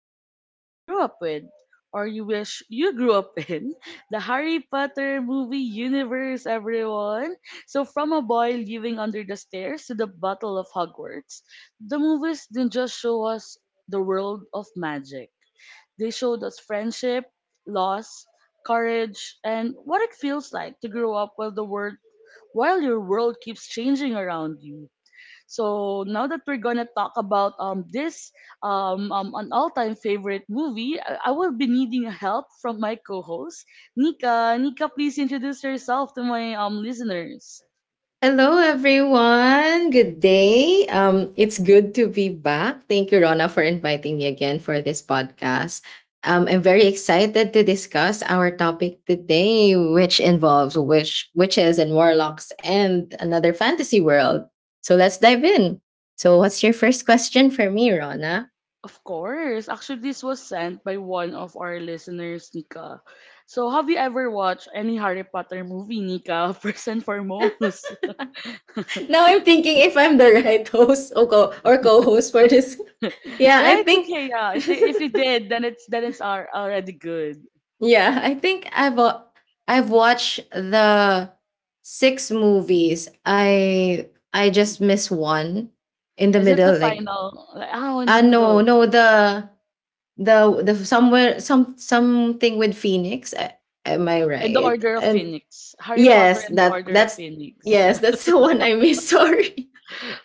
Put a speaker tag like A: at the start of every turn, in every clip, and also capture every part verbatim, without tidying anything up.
A: many of us grew up with, or you wish you grew up in, the Harry Potter movie universe, everyone. So, from a boy living under the stairs to the Battle of Hogwarts, the movies didn't just show us the world of magic, they showed us friendship, loss, courage, and what it feels like to grow up while the world while your world keeps changing around you. So now that we're gonna talk about um this um, um an all-time favorite movie, I, I will be needing help from my co-host Nika. Nika, please introduce yourself to my um listeners.
B: Hello, everyone. Good day. Um, it's good to be back. Thank you, Rona, for inviting me again for this podcast. Um, I'm very excited to discuss our topic today, which involves witch, witches and warlocks and another fantasy world. So let's dive in. So, what's your first question for me, Rona?
A: Of course, actually this was sent by one of our listeners, Nika. So have you ever watched any Harry Potter movie, Nika? First and foremost.
B: Now I'm thinking if I'm the right host or co- or co-host for this. Yeah, I
A: Yeah, it's
B: think
A: okay. Yeah, I if you did, then it's then it's al- already good.
B: Yeah, I think I've uh, I've watched the six movies. I I just miss one in the
A: Is it the
B: middle. Like
A: final? Like, oh, in the
B: ah no
A: middle.
B: no the the the somewhere some something with Phoenix. A- Am I
A: And the
B: right?
A: Order of
B: And
A: Phoenix. Harry Potter
B: yes,
A: and the
B: that
A: Order of
B: that's
A: Phoenix.
B: yes, that's the one I miss. Sorry.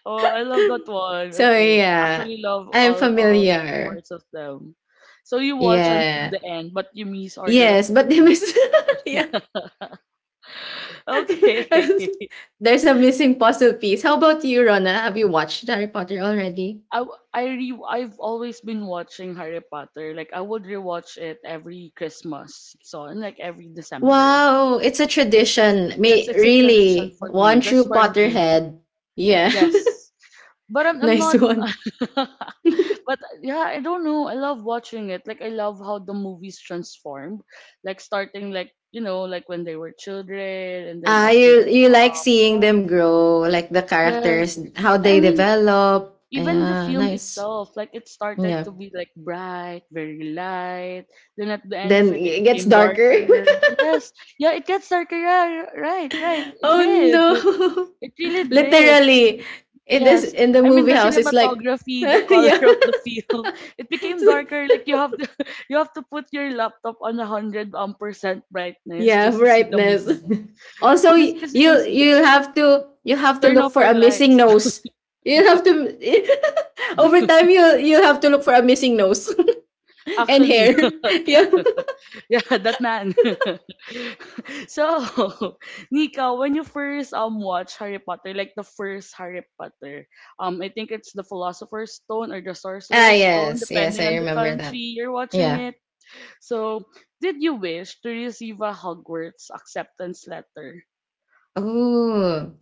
A: Oh, I love that one.
B: So
A: Okay.
B: yeah,
A: Actually love
B: I'm
A: all all
B: familiar.
A: parts of them. So you watch until
B: Yeah.
A: the end, but you miss Order of
B: Yes,
A: the
B: but they miss.
A: Phoenix.
B: Yeah.
A: Okay.
B: There's a missing puzzle piece. How about you, Rona? Have you watched Harry Potter already?
A: I, w- I re- I've always been watching Harry Potter. Like I would rewatch it every Christmas season, like every December.
B: Wow, it's a
A: It's, it's
B: tradition.
A: yes,
B: May
A: it's a tradition
B: really
A: for me,
B: one true
A: just for me.
B: Potterhead. Yeah,
A: Yes, but I'm I'm
B: nice
A: not.
B: one.
A: But yeah, I don't know. I love watching it. Like I love how the movies transformed. Like starting like you know like when they were children and then
B: Ah,
A: as they
B: you
A: grow
B: you like
A: up.
B: seeing
A: Yeah.
B: them grow, like the characters,
A: Yes,
B: how
A: I
B: they
A: mean
B: develop.
A: even the
B: Yeah,
A: film
B: nice.
A: itself, like it started
B: Yeah.
A: to be like bright, very light. Then at the end of
B: Then
A: it, it
B: it gets
A: became
B: darker.
A: darker. Yes, yeah, it gets darker. Yeah, right, right. It
B: Oh
A: did.
B: no!
A: It really did.
B: Literally, in this
A: Yes,
B: in the
A: I mean
B: movie
A: the
B: house, it's like
A: cinematography, the color
B: yeah.
A: of the film, it became darker. Like you have to, you have to put your laptop on a hundred um percent brightness
B: Yeah,
A: just to see the
B: brightness.
A: movie,
B: Also,
A: because
B: y-
A: you
B: you
A: can see
B: you
A: it.
B: have to you have to
A: Turn
B: look
A: off
B: for
A: your
B: a missing
A: lights.
B: nose. You have to over time you you have to look for a missing nose and
A: Actually,
B: hair. Yeah.
A: yeah, that man. So, Nika, when you first um watch Harry Potter, like the first Harry Potter, um, I think it's the Philosopher's Stone or the
B: Ah,
A: Sorcerer's Stone,
B: yes, yes,
A: depending
B: I
A: on the
B: remember that.
A: country you're watching
B: Yeah.
A: it. So, did you wish to receive a Hogwarts acceptance letter?
B: Oh.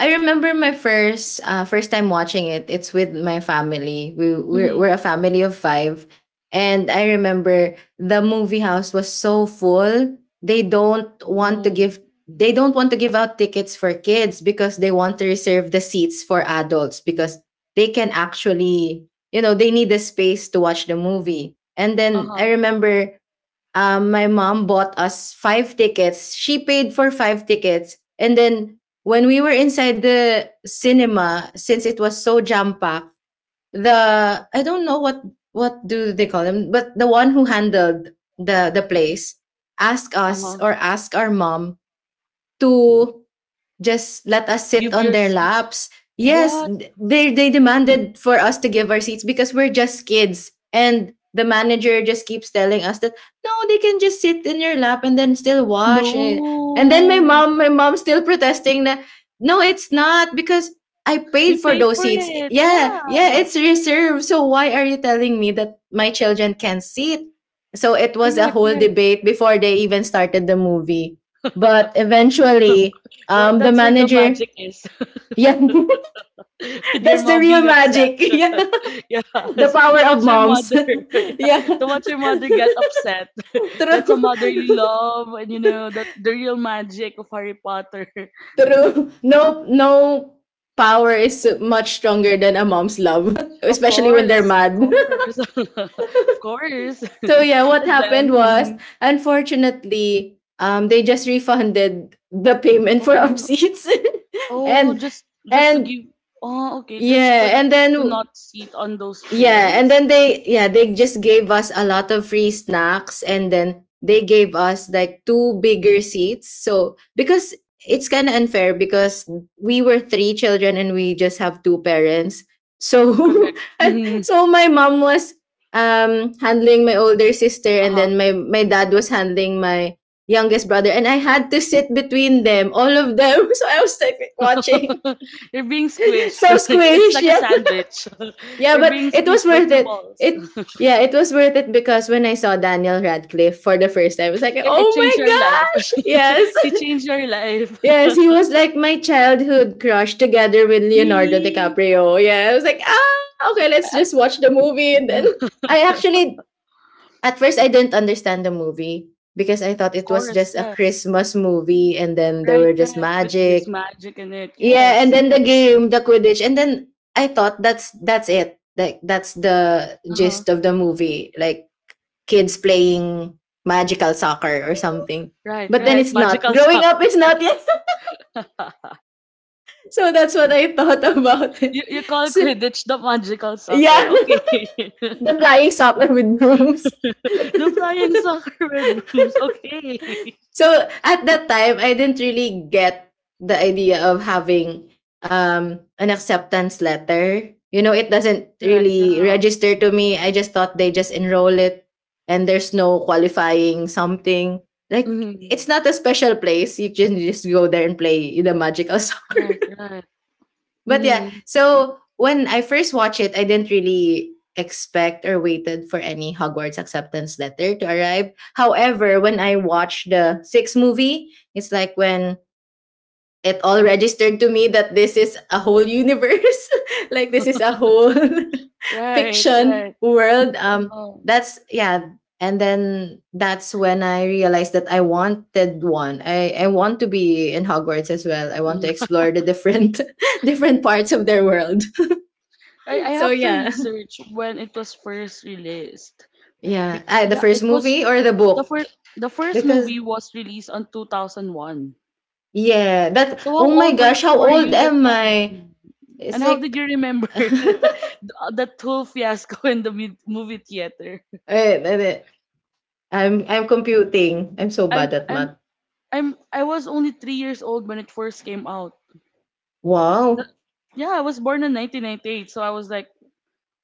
B: I remember my first uh, first time watching it. It's with my family. We we're,
A: Mm-hmm.
B: we're a family of five, and I remember the movie house was so full. They don't want to
A: Oh,
B: give they don't want to give out tickets for kids because they want to reserve the seats for adults because they can actually, you know, they need the space to watch the movie. And
A: uh
B: then I
A: huh,
B: remember um, my mom bought us five tickets. She paid for five tickets. And then when we were inside the cinema, since it was so jam packed, the I don't know what what do they call them, but the one who handled the the place asked
A: uh
B: us
A: huh.
B: or asked our mom. Mm. To just let us sit
A: Give
B: on
A: your
B: their
A: seat.
B: laps. Yes,
A: What?
B: they they demanded for us to give our seats because we're just kids. And the manager just keeps telling us that no, they can just sit in your lap and then still watch. And, and then my
A: No,
B: mom, my mom still protesting that no, it's not because I
A: we
B: paid for
A: paid
B: those
A: for
B: seats.
A: it.
B: Yeah, yeah,
A: Yeah,
B: it's reserved. So why are you telling me that my children can sit? So it was a
A: correct,
B: whole
A: correct.
B: debate before they even started the movie. But eventually,
A: Where,
B: Um, the
A: that's where the
B: manager,
A: magic is.
B: yeah,
A: With your
B: that's the
A: mom
B: real
A: being upset.
B: magic. Yeah.
A: Yes,
B: The power
A: to
B: of
A: watch your
B: moms.
A: mother, yeah.
B: yeah,
A: To watch your mother get upset. That's a
B: true.
A: motherly love, and you know that the real magic of Harry Potter.
B: True. No, no power is much stronger than a mom's love,
A: Of
B: especially when they're
A: course, of
B: mad.
A: course, of course.
B: So yeah, what
A: And then,
B: happened was,
A: mhm.
B: unfortunately, um, they just refunded the payment
A: Oh,
B: for our
A: no.
B: seats,
A: oh,
B: and
A: just just to
B: and
A: give, oh, okay, just for
B: yeah,
A: you
B: and
A: to
B: then
A: not sit on those
B: yeah, and
A: chairs.
B: then they yeah, they just gave us a lot of free snacks and then they gave us like two bigger seats. So because it's kind of unfair because we were three children and we just have two parents. So
A: Correct. Mm-hmm.
B: so my mom was um handling my older sister and
A: Uh-huh.
B: then my my dad was handling my youngest brother and I had to sit between them, all of them. So I was like watching.
A: You're being
B: So
A: squished. It's
B: squish,
A: like a sandwich.
B: yeah,
A: You're
B: but
A: being
B: it was
A: squished by
B: worth
A: two
B: it.
A: walls.
B: It yeah, it was worth it because when I saw Daniel Radcliffe for the first time, I was like,
A: It,
B: oh
A: it
B: my
A: changed your life.
B: gosh, yes,
A: You changed your life.
B: yes, he was like my childhood crush together with Leonardo
A: Really?
B: DiCaprio. Yeah, I was like, ah, okay, let's just watch the movie. And then I actually at first I didn't understand the movie because I thought
A: Of
B: it was
A: course,
B: just a
A: yes.
B: Christmas movie, and then there
A: Right,
B: were just
A: right. But there's
B: magic.
A: magic in it.
B: Yeah, and
A: Yes.
B: then the game, the Quidditch, and then I thought that's that's it. Like that's the
A: Uh-huh.
B: gist of the movie. Like kids playing magical soccer or something.
A: Right,
B: But then
A: right.
B: it's not.
A: Magical
B: Growing up,
A: soccer.
B: it's not yet. So that's what I thought about
A: you
B: it.
A: you call
B: So,
A: Quidditch the magical
B: yeah,
A: soccer. Okay.
B: the flying soccer with brooms.
A: The flying soccer red brooms. Okay.
B: So at that time I didn't really get the idea of having um an acceptance letter, you know, it doesn't
A: Right,
B: really
A: yeah.
B: register to me. I just thought they just enroll it and there's no qualifying something, like
A: Mm-hmm.
B: it's not a special place. You can just go there and play the magical soccer.
A: Right, right.
B: But yeah,
A: Mm-hmm.
B: so when I first watched it, I didn't really expect or waited for any Hogwarts acceptance letter to arrive. However, when I watched the sixth movie, it's like when it all
A: Uh-huh.
B: registered to me that this is a whole universe, like this is a whole
A: Right,
B: fiction
A: right.
B: world, um
A: Oh.
B: that's yeah. And then that's when I realized that I wanted one. I i want to be in Hogwarts as well. I want to explore the different different parts of their world.
A: I, I
B: So
A: have to
B: yeah,
A: research when it was first released.
B: yeah.
A: Because
B: Ah, the
A: yeah,
B: first
A: it was
B: movie or the
A: the
B: book?
A: first the first
B: Because
A: movie was released on two thousand one.
B: yeah, that,
A: So how
B: oh my
A: old were,
B: gosh, how
A: were
B: old
A: you that
B: am I?
A: time?
B: It's
A: And how did
B: like
A: you remember that whole fiasco in the mi- movie theater?
B: Eh, eh, eh, I'm I'm computing. I'm so
A: I'm
B: bad at
A: I'm
B: math.
A: I'm I was only three years old when it first came out. Th-
B: Wow.
A: Yeah, I was born in nineteen ninety-eight, so I was like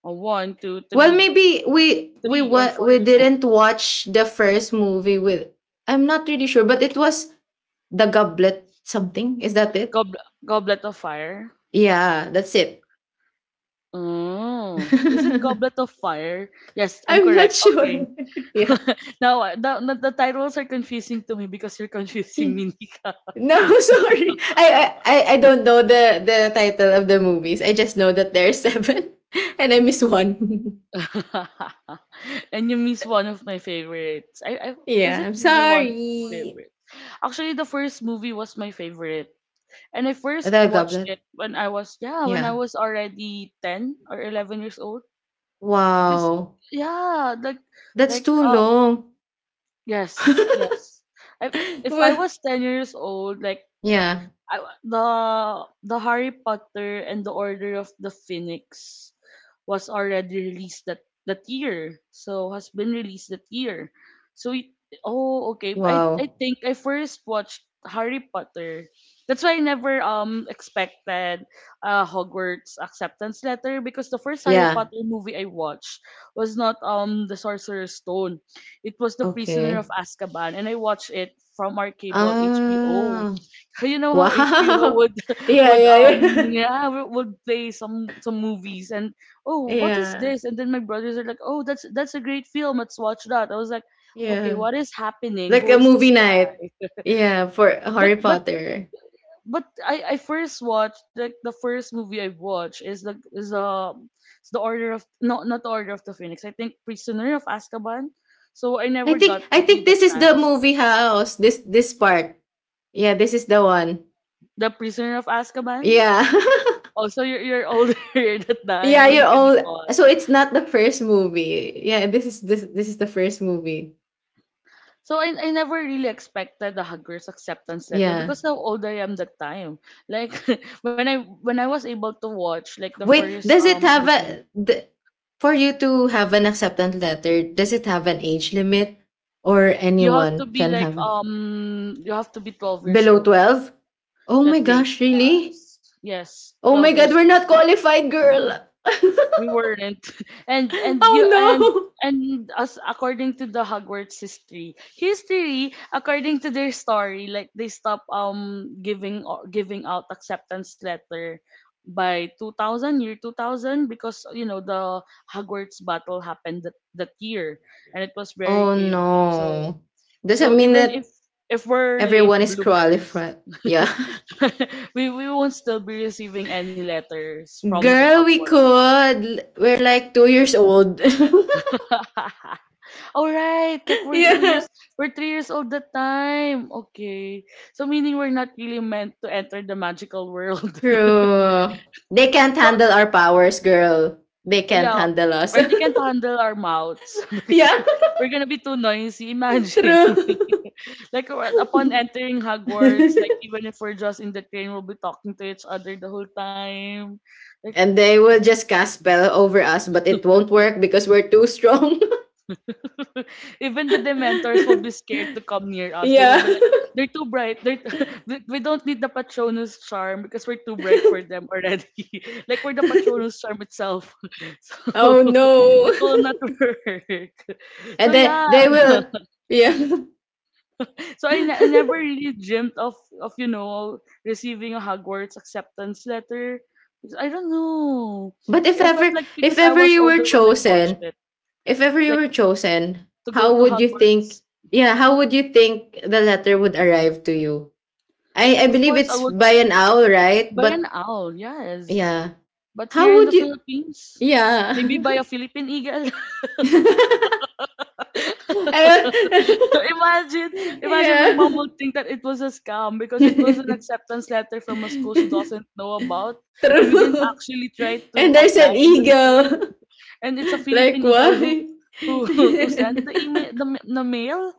A: uh, one, two,
B: Well,
A: three,
B: maybe we we
A: three or
B: wa-
A: four
B: we
A: years old.
B: didn't watch the first movie with. I'm not really sure, but it was the Goblet something. Is that it?
A: Goblet, Goblet of Fire.
B: Yeah, that's it.
A: Oh, is it Goblet of Fire? Yes, I'm
B: I'm not
A: correct.
B: sure.
A: Okay.
B: yeah.
A: Now, uh, the, the, the titles are confusing to me because you're confusing me, Nika.
B: No, sorry. I, I I- I don't know the the title of the movies. I just know that there are seven and I miss one.
A: And you miss one of my favorites. I, I was
B: Yeah,
A: it
B: I'm
A: really one of my
B: sorry.
A: favorites? Actually, the first movie was my favorite, and I first
B: The
A: watched
B: Goblet.
A: it when I was yeah when I
B: Yeah.
A: was already ten or eleven years old. Cause
B: Wow.
A: yeah, like
B: That's
A: like
B: too
A: um
B: long.
A: yes, yes. I, if I
B: Well,
A: was ten years old, like
B: yeah.
A: I, the the Harry Potter and the Order of the Phoenix was already released that that year. So has been released that year. So it, oh, okay. I I
B: Wow.
A: think I first watched Harry Potter. That's why I never um expected a Hogwarts acceptance letter because the first Harry
B: Yeah.
A: Potter movie I watched was not um the Sorcerer's Stone. It was The Prisoner of
B: Okay.
A: Azkaban and I watched it from our cable H B O.
B: Ah.
A: You know how H B O
B: Wow.
A: would
B: Yeah,
A: would
B: yeah,
A: um
B: yeah.
A: yeah w- would play some some movies, and oh, what is
B: yeah.
A: this? And then my brothers are like, oh, that's that's a great film, let's watch that. I was like, okay,
B: Yeah.
A: what is happening,
B: Like
A: who
B: a
A: is this
B: movie
A: guy?
B: night. Yeah, for
A: but
B: Harry
A: but
B: Potter.
A: but I I first watched like the first movie I watched is like is um it's the Order of, no, not the Order of the Phoenix, I think Prisoner of Azkaban, so I
B: I
A: never
B: think
A: got
B: I
A: really
B: think
A: the
B: this is the
A: chance,
B: movie house. This this part. Yeah, this is the one.
A: the Prisoner of Azkaban,
B: Yeah.
A: also you're you're older at that time,
B: Yeah,
A: so you
B: you're
A: can
B: all
A: recall.
B: so it's not the first movie. Yeah, this is this this is the first movie.
A: So I, I never really expected a hugger's acceptance letter
B: Yeah.
A: because how old I am that time. Like when I when I was able to watch like the
B: Wait,
A: first
B: does it
A: um
B: have
A: movie,
B: a the, for you to have an acceptance letter? Does it have an age limit, or
A: you have to
B: anyone
A: be
B: can
A: like
B: have
A: um you have to be twelve years
B: below
A: old.
B: twelve? Oh
A: I
B: my
A: think
B: gosh, really?
A: yes, yes,
B: Oh
A: twelve
B: my
A: years
B: god, we're
A: old.
B: not qualified, girl.
A: We weren't. And and
B: Oh
A: you and
B: no.
A: and as according to the Hogwarts history, history according to their story, like they stop um giving o- giving out acceptance letter by two thousand, year two thousand, because you know the Hogwarts battle happened that, that year, and it was very
B: Oh
A: chaotic. So,
B: no.
A: so
B: Doesn't mean
A: even if
B: that
A: if we're late
B: everyone is
A: bloomers,
B: qualified. Yeah.
A: we we won't still be receiving any letters from the
B: Girl, we
A: Hogwarts.
B: could. We're like two years old.
A: All right, like we're two
B: yeah.
A: years, we're three years old that time. Okay, so meaning we're not really meant to enter the magical world.
B: True. They can't
A: So
B: handle our powers, girl. They can't
A: yeah,
B: handle us.
A: or they can't handle our mouths because
B: yeah,
A: we're gonna be too noisy. Imagine,
B: true.
A: like uh, upon entering Hogwarts, like even if we're just in the train, we'll be talking to each other the whole time. Like
B: And they will just cast spell over us, but it won't work because we're too strong.
A: even the Dementors will be scared to come near us. They will
B: yeah.
A: be like, they're too bright. They're t- we we don't need the Patronus charm because we're too bright for them already. Like we're the Patronus charm itself. So
B: Oh no.
A: it will not work. So
B: And then
A: yeah.
B: they will yeah.
A: So I, ne- I never really dreamt of of you know receiving a Hogwarts acceptance letter. Because I don't know.
B: But if
A: I felt
B: ever,
A: like
B: if
A: because I
B: ever
A: was
B: you were
A: older when I watched
B: chosen,
A: it,
B: if ever you
A: like
B: were chosen,
A: to go
B: how
A: to
B: would you think?
A: Hogwarts.
B: Yeah, how would you think the letter would arrive to you? I I
A: Of
B: believe
A: course, I
B: it's
A: would.
B: by an owl, right?
A: By an
B: But
A: owl, yes.
B: yeah,
A: But here
B: how
A: in the
B: would you?
A: Philippines,
B: Yeah,
A: maybe by a Philippine eagle.
B: I don't-
A: imagine, imagine my mom
B: yeah.
A: would think that it was a scam because it was an acceptance letter from a school she doesn't know about, and we didn't
B: True.
A: actually try to
B: And there's
A: apply
B: an
A: in that school.
B: eagle.
A: And it's a
B: Like
A: Philippine eagle who
B: why?
A: who who sent the email, the, ma- the mail.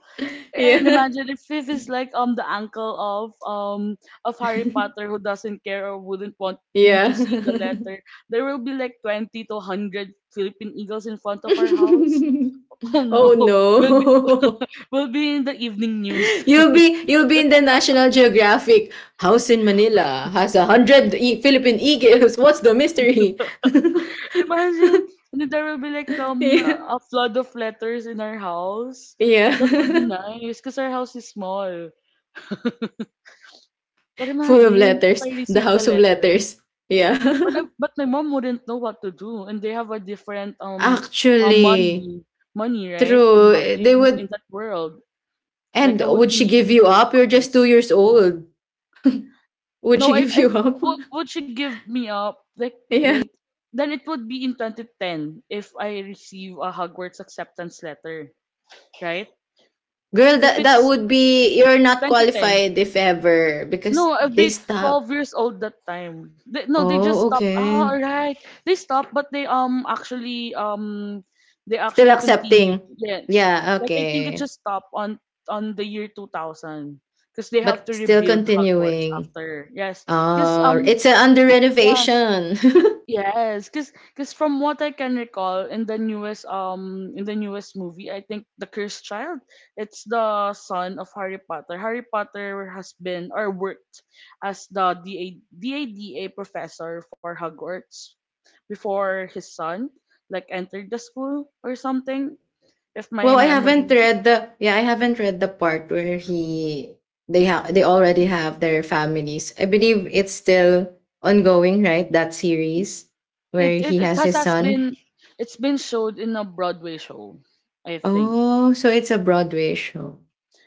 A: And
B: yeah.
A: imagine if Fifth is like um the uncle of um of Harry Potter, who doesn't care or wouldn't want me to
B: Yeah.
A: see the letter. There will be like twenty to hundred Philippine eagles in front of our house. Oh no,
B: Oh
A: we'll be
B: no.
A: we'll be in the evening news.
B: you'll be you'll be in the National Geographic. House in Manila has a hundred e- Philippine eagles. What's the mystery?
A: Imagine, and then there will be like um
B: yeah.
A: a flood of letters in our house. That would be
B: Yeah.
A: nice because our house is small. But
B: Full of
A: imagine if
B: letters.
A: I
B: The
A: receive the
B: house of
A: letter.
B: letters. Yeah.
A: But I, but my mom wouldn't know what to do, and they have a different um, uh,
B: Actually,
A: money, money right, in
B: true.
A: ho-
B: They
A: in
B: would
A: in that world. Like
B: and
A: I would
B: would
A: be
B: she give
A: needing
B: you
A: gold
B: up? You're just two
A: coins.
B: years old. Would
A: No,
B: she
A: I,
B: give you
A: I
B: up?
A: would would she give me up? Like
B: yeah.
A: wait, then it would be in twenty ten if I receive a Hogwarts acceptance letter, right?
B: Girl,
A: If
B: that that
A: it's
B: would be you're not
A: twenty ten,
B: qualified if ever
A: no,
B: because
A: I've
B: they
A: been
B: stop.
A: twelve years old that time. They, no, they just
B: Oh,
A: stopped.
B: okay.
A: Ah, alright. They stopped, but they um actually um they
B: Still
A: actually
B: accepting.
A: continued. Yes.
B: Yeah,
A: Like I think it
B: okay.
A: just stopped on on the year two thousand because they have
B: But
A: to
B: still
A: rebuild Hogwarts
B: continuing.
A: after. Yes. Cuz
B: Oh,
A: um
B: it's uh, under
A: yes,
B: renovation.
A: yes, cause cause from what I can recall in the newest um in the newest movie, I think the cursed child, it's the son of Harry Potter. Harry Potter has been or worked as the D A, DADA professor for Hogwarts before his son like entered the school or something. If
B: Well,
A: my
B: I haven't
A: memory,
B: read the, yeah, I haven't read the part where he they have they already have their families. I believe it's still ongoing, right? That series
A: it
B: where
A: it,
B: he
A: it
B: has
A: has,
B: his
A: has
B: son.
A: been it's been showed in a Broadway show, I think.
B: Oh, so it's a Broadway show.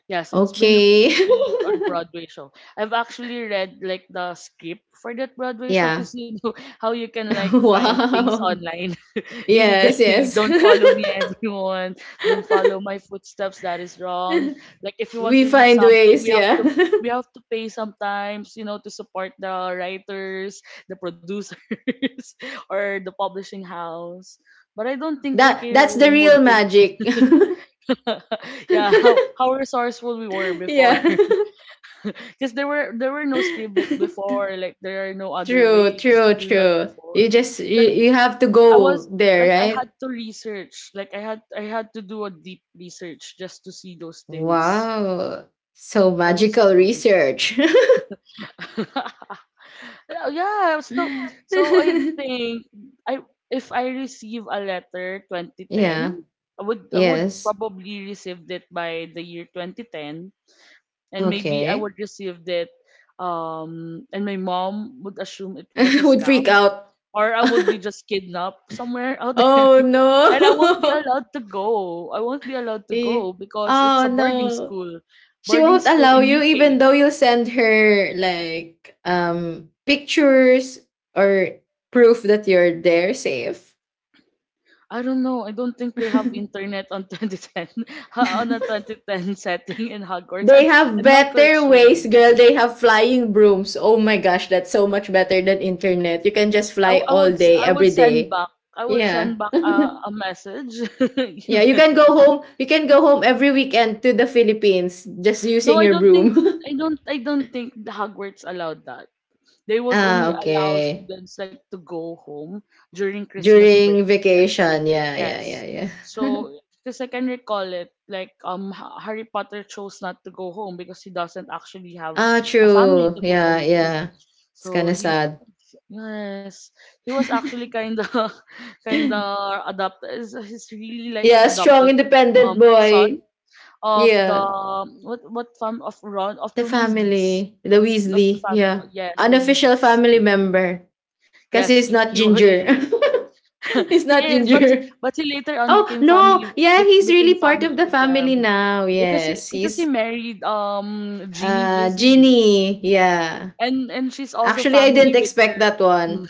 A: Yes, it's been a-
B: Okay.
A: it's been a Broadway show. I've actually read like the script for that Broadway show
B: yeah.
A: because you know how you can like find things
B: Wow.
A: online
B: Yes,
A: illegally.
B: yes.
A: Don't follow me, everyone. Don't follow my footsteps. That is wrong. Like if you want
B: We
A: to read
B: find
A: something,
B: ways,
A: we have
B: yeah.
A: to we have to pay sometimes, you know, to support the writers, the producers, or the publishing house. But I don't think
B: That
A: J K.
B: that's the
A: Rowling would
B: real
A: think.
B: magic.
A: Yeah, how, how resourceful we were before.
B: yeah.
A: Because there were there were no script be- before like there are no other
B: true,
A: ways to
B: true,
A: do that
B: true.
A: before.
B: You just
A: So
B: you, you have to
A: I
B: go
A: was
B: there,
A: like I had
B: right?
A: to research like I had I had to do a deep research just to see those things.
B: Wow. So
A: I was
B: magical
A: young.
B: research.
A: Yeah, so so i think I if I receive a letter
B: yeah.
A: twenty ten, I would I would
B: Yes.
A: probably received it by the year twenty ten, and maybe I
B: Okay.
A: would receive that, um and my mom would assume it was a
B: Would freak
A: scam,
B: out.
A: or I would be just kidnapped somewhere out there.
B: oh
A: And I won't be
B: no.
A: allowed to go. I won't be allowed to
B: Eh,
A: go because it's
B: oh
A: a boarding
B: no.
A: school.
B: She
A: Boarding
B: won't
A: school
B: allow
A: in
B: you even
A: U K.
B: though you send her like um pictures or proof that you're there safe.
A: I don't know. I don't think they have internet on two thousand ten. On a twenty ten setting in Hogwarts. I'm
B: They have
A: I'm not quite
B: better
A: sure.
B: ways, girl. They have flying brooms. Oh my gosh, that's so much better than internet. You can just
A: I,
B: fly
A: I
B: all
A: would
B: day
A: I would
B: every
A: send
B: day.
A: back I would
B: Yeah.
A: send back a, a message.
B: Yeah, you can go home, you can go home every weekend to the Philippines just
A: No,
B: using
A: I
B: your
A: don't
B: broom.
A: think I don't I don't think the Hogwarts allowed that. They would
B: Ah,
A: only allow
B: okay.
A: students like to go home during Christmas
B: During
A: break and spring
B: vacation,
A: break.
B: yeah, yeah, yeah.
A: Yes.
B: Yeah.
A: So because I can recall it, like um Ha- Harry Potter chose not to go home because he doesn't actually have
B: Ah,
A: a family
B: true.
A: to go
B: Yeah,
A: home to.
B: yeah. It's kind
A: So
B: of
A: he's,
B: sad.
A: yes, he was actually kind of kind of adopted. He's he's really like an
B: Yeah, strong,
A: adopted
B: independent
A: um son
B: boy.
A: of the
B: Yeah.
A: what what farm of Ron of
B: The
A: the Weasleys
B: family, the
A: of the
B: Weasley.
A: family.
B: Yeah.
A: Yes, the
B: Unofficial
A: Weasleys.
B: family member. Because
A: Yes,
B: he's
A: he
B: not
A: he,
B: Ginger.
A: is.
B: He's
A: He
B: not
A: is, but
B: Ginger.
A: but he later on
B: Oh,
A: became
B: no.
A: family
B: Yeah,
A: bec-
B: he's really
A: became
B: part
A: family
B: of the
A: with
B: family
A: them
B: now.
A: because he
B: Yes.
A: because he
B: He's
A: married um Jeannie
B: uh
A: Weasley.
B: Ginny. Yeah.
A: And and she's also
B: Actually, I didn't
A: family with
B: expect
A: her.
B: that one.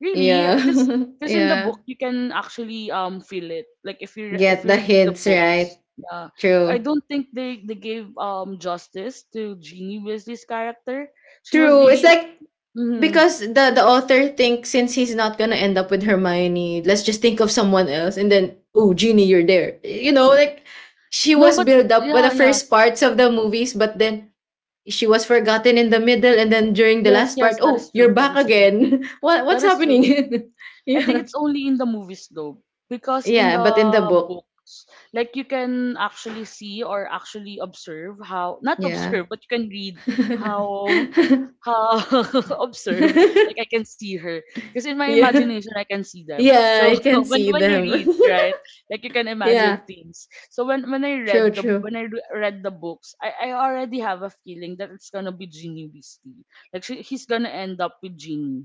A: Really?
B: Yeah.
A: Because because in the
B: yeah.
A: book you can actually um feel it. Like if you re- if
B: Get
A: you
B: the
A: read the
B: hints, right?
A: books, yeah, I
B: True.
A: don't think they they gave um justice to Jeannie Wesley's character. She was
B: True. It's
A: really uh,
B: like
A: mhm.
B: because the the author thinks since he's not gonna end up with Hermione, let's just think of someone else, and then oh, Ginny, you're there. You know, like she
A: No,
B: was
A: but
B: built up by
A: yeah,
B: the
A: yeah,
B: first parts of the movies, but then she was forgotten in the middle, and then during the
A: yes
B: last
A: yes
B: part,
A: that is
B: oh,
A: true
B: you're
A: that
B: back
A: is true
B: again. what
A: that
B: what's
A: is
B: happening?
A: true. I think
B: yeah,
A: it's only in the movies though, because in
B: yeah, but in
A: the
B: the book,
A: books, like you can actually see or actually observe how, not
B: yeah,
A: observe, but you can read how how observe. Like I can see her, because in my
B: yeah,
A: imagination I can see them.
B: yeah,
A: So
B: I can
A: when
B: see
A: when you
B: them.
A: read, right, like you can imagine
B: yeah,
A: things. So when when I
B: true,
A: read the
B: true.
A: when I re- read the books, I I already have a feeling that it's gonna be Ginny Weasley. Like she, he's gonna end up with Ginny.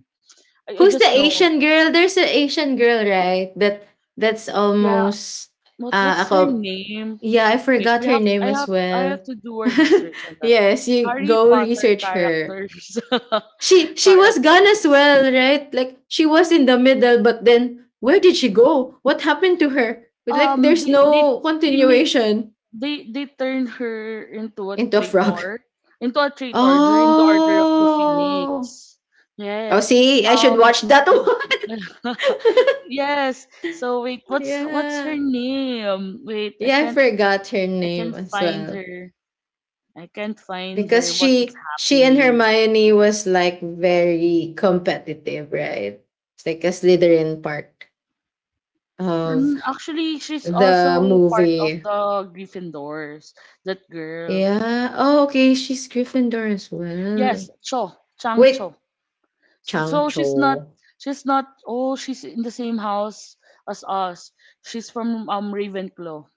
A: I, I
B: Who's
A: just
B: the
A: know.
B: Asian girl? There's an Asian girl, right? That that's
A: Yeah,
B: almost
A: what
B: uh
A: what's her
B: ako.
A: name?
B: Yeah, I
A: Wait,
B: forgot
A: we
B: her
A: have
B: name
A: I
B: as
A: have I
B: well.
A: have to do a research on that.
B: yes, you
A: Harry
B: go
A: Potter
B: research her.
A: characters.
B: She she was gone as
A: Characters.
B: well, right? Like she was in the middle, but then where did she go? What happened to her? But like
A: Um
B: there's
A: they they
B: no
A: they made
B: continuation
A: they they turn her into a
B: into a frog.
A: traitor, into a traitor during the Order of the
B: Oh.
A: Phoenix.
B: Oh,
A: Yes.
B: see, I should
A: Um
B: watch that one.
A: yes. So wait, what's what's her
B: Yeah.
A: name? Wait, I
B: Yeah, I
A: can't
B: forgot her
A: I
B: name
A: can't
B: as
A: find
B: well
A: her. I can't find
B: because
A: her. What is
B: she she and
A: happening?
B: Hermione was like very competitive, right? It's like a Slytherin part of
A: Mm, actually, she's
B: the
A: also part of
B: movie.
A: the Gryffindors. That girl.
B: Yeah. Oh, okay. She's Gryffindor as well.
A: Yes, Cho, Chang
B: Wait,
A: Cho. So,
B: Chang
A: so she's not.
B: Cho.
A: She's not. Oh, she's in the same house as us. She's from um Ravenclaw.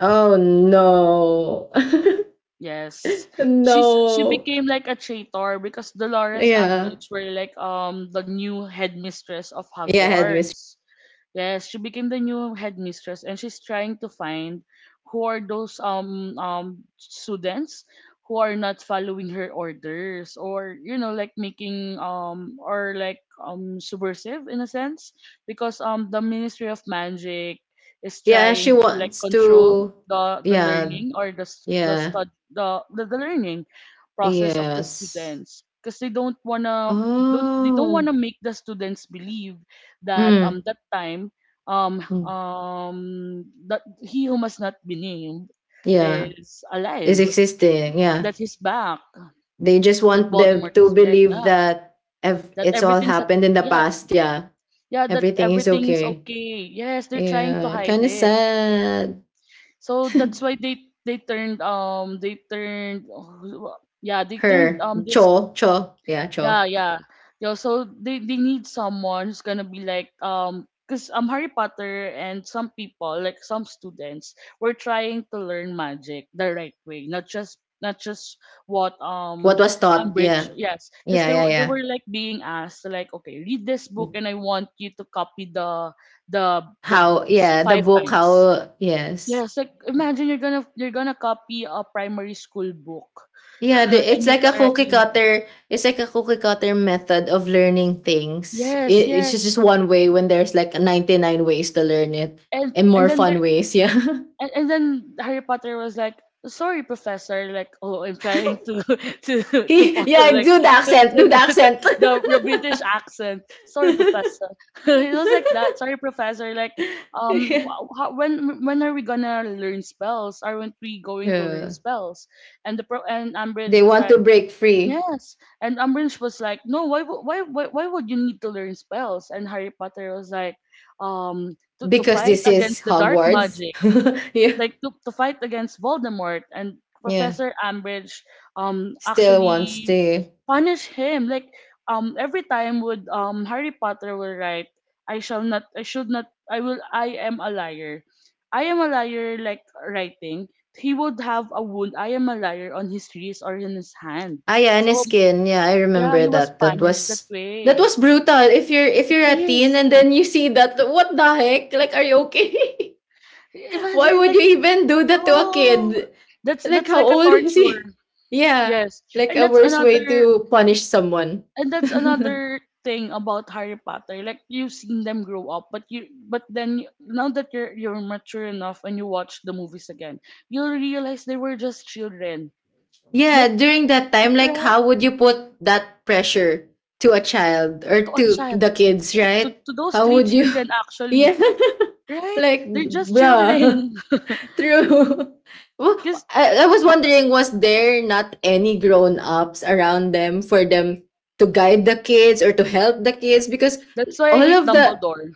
B: Oh no,
A: Yes, she's she
B: no.
A: became like a traitor because Dolores
B: Yeah,
A: Umbridge were like um the new headmistress of
B: yeah. Headmistress.
A: Hogwarts. Yes, she became the new headmistress, and she's trying to find who are those um um students who are not following her orders, or you know, like making um or like um subversive in a sense, because um the Ministry of Magic is
B: Yeah, she
A: trying to like
B: wants
A: control
B: to.
A: the the
B: Yeah,
A: learning or the s- the
B: yeah.
A: stud the the, the learning process of the
B: Yes.
A: students, because they don't wanna, don't they don't
B: Oh.
A: wanna make the students believe that,
B: Mm.
A: um that time, um
B: Mm.
A: um that he who must not be named
B: Yeah.
A: is
B: Is
A: alive,
B: existing. Yeah.
A: that he's back,
B: They just
A: that
B: want them
A: Voldemort
B: to
A: is right.
B: believe
A: Ah,
B: that ev-
A: that
B: it's all
A: everything's at,
B: happened in the
A: yes,
B: past. Yeah.
A: yeah, that
B: Everything is
A: everything's
B: okay.
A: okay. Yes, they're trying to
B: Yeah.
A: hide
B: Kind of
A: it.
B: sad.
A: So that's why they they turned, um they turned oh, yeah they turned
B: Her.
A: um this.
B: Cho. Cho. Yeah. Cho.
A: Yeah, yeah. Yeah, so they, they need someone who's gonna be like, um, because um Harry Potter and some people, like some students, were trying to learn magic the right way, not just not just what
B: What
A: um
B: was taught.
A: Umbridge,
B: Yeah.
A: yes, because
B: Yeah.
A: they
B: Yeah.
A: were they
B: Yeah.
A: were like being asked, like, okay, read this book and I want you to copy the the the
B: How.
A: books
B: Yeah. The
A: five
B: book.
A: times.
B: How. Yes.
A: Yes, like imagine you're gonna you're gonna copy a primary school book
B: Yeah, the,
A: and
B: it's
A: you're
B: like a cookie
A: already in Hogwarts.
B: cutter. It's like a cookie cutter method of learning things.
A: Yes,
B: It, it's just just
A: yes.
B: one way when there's like ninety-nine ways to learn it
A: and
B: and
A: and
B: more
A: then there
B: fun ways. Yeah.
A: and, and then Harry Potter was like, "Sorry, Professor. Like, oh, I'm trying to to to
B: He-
A: follow
B: yeah,
A: like
B: do the
A: to,
B: accent.
A: to,
B: Do the
A: to, to,
B: accent.
A: the the British accent. Sorry, Professor." It was like that. "Sorry, Professor. Like, um,
B: yeah.
A: wh- how, when when are we gonna learn spells? Aren't we going to learn
B: Yeah.
A: spells?" And the pro, and Ambridge
B: They
A: was
B: want to
A: like.
B: break free
A: Yes, and Umbridge was like, "No, why, wo- why, why, why would you need to learn spells?" And Harry Potter was like, "Um, to, to
B: because
A: fight
B: this is
A: against the dark
B: Hogwarts.
A: magic,
B: yeah.
A: like to, to fight against Voldemort." And
B: Yeah.
A: Professor Umbridge, um,
B: Still wants
A: actually
B: to.
A: punish him. Like, um, every time would um Harry Potter will write, "I shall not, I should not, I will, I am a liar, I am a liar." Like writing, he would have a wound, "I am a liar," on his wrist or in his hand.
B: Ah, yeah,
A: So
B: Aniskin. Yeah, I
A: yeah, he
B: remember
A: was
B: that. That
A: punished that
B: was that
A: way.
B: was brutal. If you're if
A: It
B: you're a teen
A: is.
B: and then you see that, what the heck? Like, are you okay? Why
A: Imagine
B: would
A: like,
B: you even do that to a
A: oh,
B: kid?
A: that's
B: Like,
A: that's
B: how
A: like a
B: old is
A: torture.
B: he? Yeah,
A: Yes.
B: like
A: And
B: a
A: that's
B: worse way
A: another
B: to punish someone.
A: and that's another thing about Harry Potter. Like you've seen them grow up, but you but then you- now that you're you're mature enough and you watch the movies again, you'll realize they were just children.
B: yeah,
A: Like,
B: during that time, like,
A: right,
B: how would you put that pressure to a child or
A: to a
B: to
A: child.
B: the kids,
A: To, to,
B: right?
A: to those
B: How
A: three
B: would you?
A: children
B: Yeah,
A: actually. Right?
B: like,
A: They're just
B: bruh.
A: children.
B: True. Well,
A: Cause
B: I, I was wondering, was there not any grown ups around them for them to guide the kids or to help the kids? Because
A: that's why
B: all
A: I hate
B: of the,
A: Dumbledore.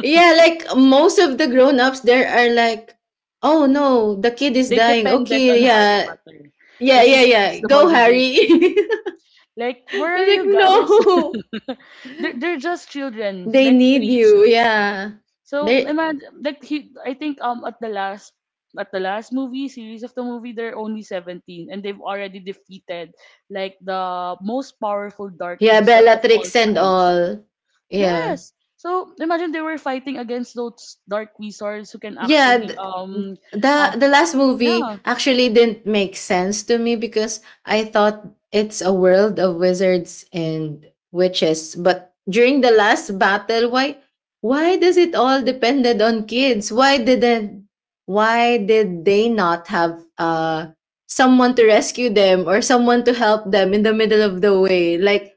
B: yeah, like most of the grown ups there are like, oh no, the kid is
A: They
B: dying.
A: depended
B: Okay,
A: on Harry
B: yeah,
A: Potter
B: yeah,
A: because
B: yeah,
A: he's, he's
B: yeah.
A: the boy
B: Go,
A: who lived.
B: Harry. I
A: Like, where
B: was
A: are
B: like,
A: you guys?
B: no,
A: they're, they're just children,
B: they
A: like
B: need
A: three
B: you.
A: children.
B: Yeah.
A: So
B: They,
A: imagine, like, he, I think, um, at the last, at the last movie series of the movie, they're only seventeen, and they've already defeated like the most powerful dark
B: yeah,
A: wizard of all
B: Bellatrix and
A: times.
B: all. Yeah.
A: Yes. So imagine they were fighting against those dark wizards who can
B: Yeah,
A: actually
B: th-
A: um um
B: the the last movie
A: yeah.
B: actually didn't make sense to me because I thought it's a world of wizards and witches, but during the last battle, why why does it all depended on kids? Why didn't why did they not have uh someone to rescue them or someone to help them in the middle of the way? Like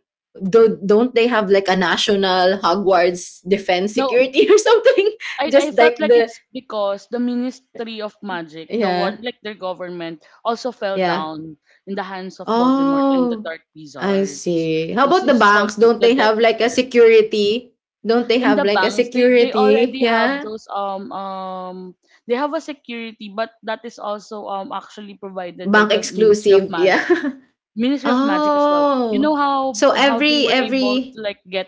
B: do, don't they have like a national Hogwarts defense
A: Now
B: security or something?
A: I, I
B: Just like
A: felt like
B: the,
A: it's because the Ministry of Magic, the one
B: yeah.
A: like their government, also fell
B: Yeah.
A: down in the hands of Voldemort and the
B: Oh,
A: Dark
B: I
A: Wizards.
B: see. How
A: This
B: about the
A: is whole
B: banks?
A: group,
B: Don't
A: the
B: they have
A: Death
B: like a
A: Eaters.
B: security? Don't they
A: In
B: have
A: the
B: like a
A: banks, they, they
B: security?
A: already have
B: Yeah.
A: those um um they have a security, but that is also um actually provided by
B: Bank
A: the Ministry of
B: exclusive. Yeah.
A: Magic. Ministry of Magic as well. You
B: oh.
A: know how
B: So
A: how they
B: every
A: were able to
B: every
A: like get,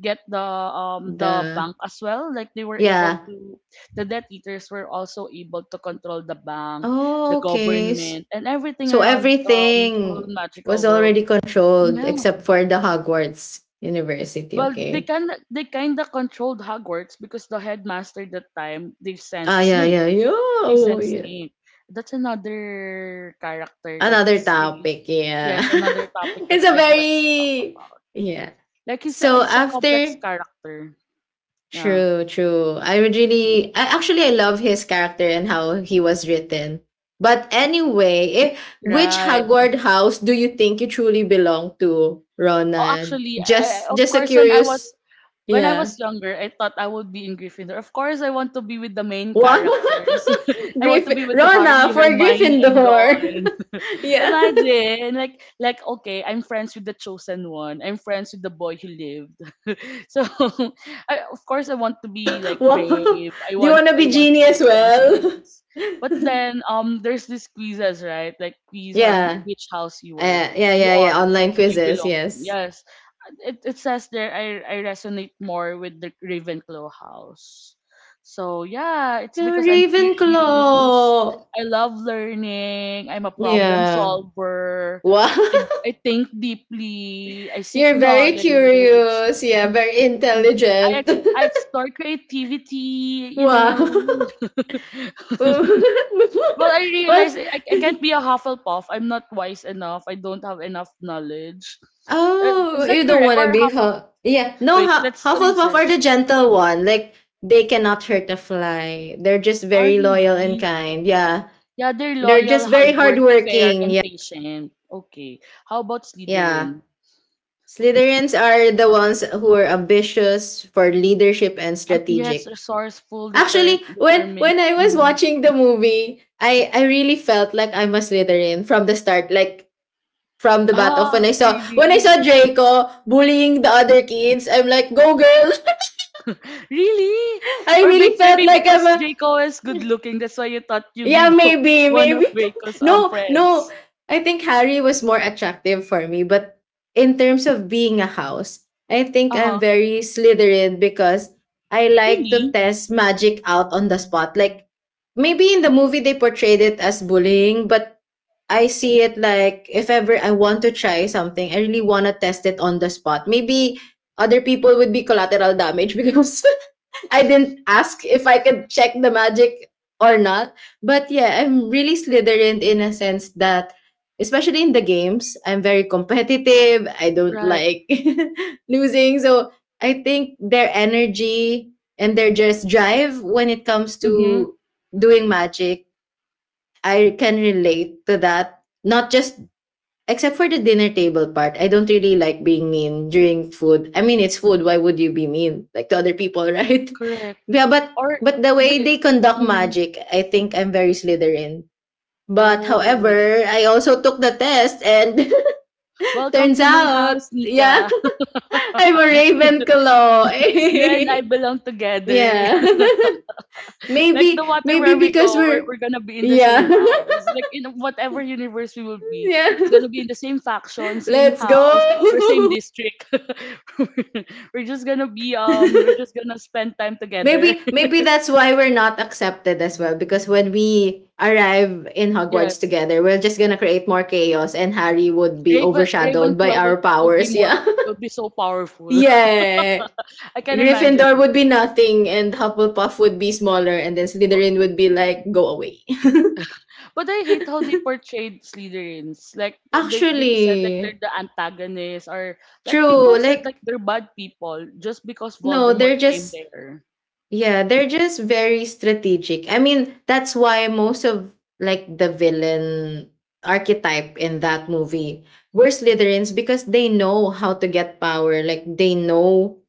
A: get the um the
B: the,
A: bank as well, like they were able
B: yeah.
A: to, the debt eaters were also able to control the bank, the
B: Oh, okay. S-
A: government, and everything
B: So
A: around, um whole
B: everything
A: magical
B: was
A: world.
B: already controlled
A: Yeah,
B: except for the Hogwarts University.
A: well, they
B: Okay.
A: kind of, they kind of controlled Hogwarts because the headmaster that time, they sent
B: Ah, yeah,
A: Snape,
B: yeah, yeah.
A: they
B: Oh,
A: sent
B: yeah.
A: snape that's another character
B: Another
A: that's really,
B: topic, yeah.
A: yes, another topic that
B: it's a
A: I'd like to talk
B: very,
A: about,
B: yeah.
A: like he's a,
B: So
A: he's a complex
B: after,
A: character, yeah.
B: true, true. I would really, I actually, I love his character and how he was written. But anyway, eh, which
A: Right.
B: Hagward house do you think you truly belong to,
A: Oh,
B: Ronald?
A: actually, I, I-
B: Just
A: of
B: just a
A: course, when I
B: curious.
A: was, when I
B: Yeah.
A: was younger, I thought I would be in Gryffindor. Of course, I want to be with the main characters.
B: What
A: I want to
B: Griffin
A: be with
B: Rona
A: Harry,
B: for
A: Hermione, and
B: Gryffindor.
A: Ron.
B: yeah.
A: Imagine, like, like okay, I'm friends with the chosen one. I'm friends with the boy who lived. So, I, of course, I want to be like
B: wow. Do
A: brave. I
B: you
A: want,
B: want to
A: I
B: be
A: want to
B: genie
A: be
B: as well?
A: adventurous. But then, um, there's these quizzes, right? Like quiz on
B: yeah.
A: which house you were,
B: Uh, yeah,
A: you
B: yeah, yeah.
A: are,
B: Online
A: you
B: quizzes,
A: belong to.
B: yes.
A: Yes, it, it says there I, I resonate more with the Ravenclaw house. So yeah, it's
B: Yeah,
A: because I'm curious.
B: Ravenclaw.
A: I love learning. I'm a problem
B: Yeah.
A: solver.
B: Wow.
A: I, I think deeply. I seek
B: You're very
A: knowledge.
B: curious. Yeah, very
A: Um, I
B: intelligent.
A: ex- I explore creativity. You
B: wow.
A: know. But I realize
B: well,
A: I, I can't be a Hufflepuff. I'm not wise enough. I don't have enough knowledge. Uh, Is
B: oh,
A: that
B: you don't
A: correct,
B: want to
A: or
B: be
A: half?
B: Huff. Yeah, no,
A: Wait,
B: Hu-
A: let's
B: Hufflepuff are the
A: research.
B: gentle one. Like, they cannot hurt a fly. They're just
A: Are
B: very loyal and
A: really?
B: kind. Yeah.
A: Yeah, they're
B: They're
A: loyal,
B: just very
A: hard work, fair,
B: hardworking. Yeah.
A: and patient. Okay. How about
B: Yeah.
A: Slytherin?
B: Slytherins are the ones who are ambitious for leadership and
A: Um, yes,
B: strategic.
A: resourceful, deter-
B: Actually, when
A: determined.
B: when I was
A: Mm.
B: watching the movie, I I really felt like I'm a Slytherin from the start, like from the bat off.
A: Ah,
B: When I saw when I
A: really?
B: saw Draco bullying the other kids, I'm like, "Go girl!"
A: Really?
B: I
A: Or
B: really
A: be-
B: felt
A: maybe
B: like I'm
A: because
B: a.
A: Draco is good looking, that's why you thought you'd be
B: Yeah, maybe,
A: one
B: maybe.
A: of Draco's um
B: No, no.
A: friends.
B: I think Harry was more attractive for me, but in terms of being a house, I think
A: Uh
B: I'm
A: huh.
B: very Slytherin because I like to
A: Really?
B: test magic out on the spot. Like maybe in the movie they portrayed it as bullying, but I see it like if ever I want to try something, I really want to test it on the spot. Maybe other people would be collateral damage because I didn't ask if I could check the magic or not. But yeah, I'm really Slytherin in a sense that, especially in the games, I'm very competitive. I don't
A: Right.
B: like losing. So I think their energy and their just drive when it comes
A: Mm-hmm.
B: to doing magic, I can relate to that. Not just. Except for the dinner table part, I don't really like being mean during food. I mean, it's food. Why would you be mean like to other people, right?
A: Correct.
B: Yeah, but
A: Or
B: but the way
A: the.
B: they conduct
A: Mm-hmm.
B: magic, I think I'm very Slytherin. But
A: Oh,
B: however, I also took the test, and
A: welcome
B: turns
A: to my
B: out,
A: house,
B: yeah,
A: Nika.
B: I'm a Ravenclaw.
A: You and I belong together.
B: yeah,
A: Like
B: maybe
A: the water
B: maybe
A: where we
B: because
A: go, we're,
B: we're,
A: we're gonna be in the same
B: yeah.
A: house. Like in whatever universe we will be,
B: yeah.
A: it's gonna be in the same faction, same
B: Let's
A: house, or
B: go.
A: same district. we're just gonna be um, we're just gonna spend time together.
B: Maybe maybe that's why we're not accepted as well because when we arrive in Hogwarts
A: Yes,
B: together, we're just gonna create more chaos and Harry would be
A: Raven
B: overshadowed by
A: Ravenclaw
B: our
A: would would be
B: powers.
A: more
B: Yeah.
A: would be so powerful.
B: yeah.
A: I can
B: Gryffindor
A: imagine.
B: would be nothing and Hufflepuff would be smaller and then Slytherin would be like go away.
A: But I hate how they portrayed Slytherins. Like th- they they said like they're
B: Actually,
A: the antagonists, or like people
B: true.
A: said like
B: Like
A: they're bad people just because
B: no, they're
A: Voldemort came
B: just.
A: there.
B: Yeah, they're just very strategic. I mean, that's why most of like the villain archetype in that movie were Slytherins because they know how to get power. Like they know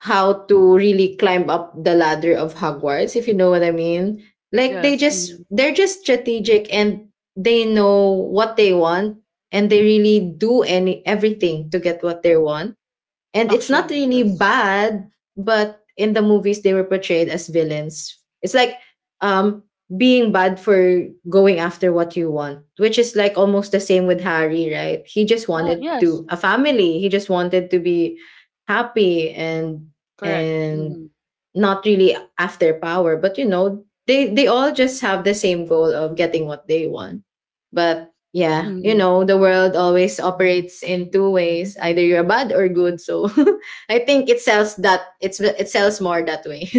B: how to really climb up the ladder of Hogwarts, if you know what I mean. Like they
A: Yes.
B: just
A: Hmm.
B: they're just strategic and they know what they want and they really do any everything to get what they want. And it's not
A: Actually,
B: really
A: yes.
B: bad, but in the movies they were portrayed as villains. It's like um being bad for going after what you want, which is like almost the same with Harry, right? He just
A: Yeah,
B: wanted
A: yes.
B: to a family. He just wanted to be happy and
A: Correct.
B: and
A: Hmm.
B: not really after power. But you know, they they all just have the same goal of getting what they want. But yeah, you
A: Hmm.
B: know, the world always operates in two ways: either you're bad or good. So I think it sells that it's it sells more that way.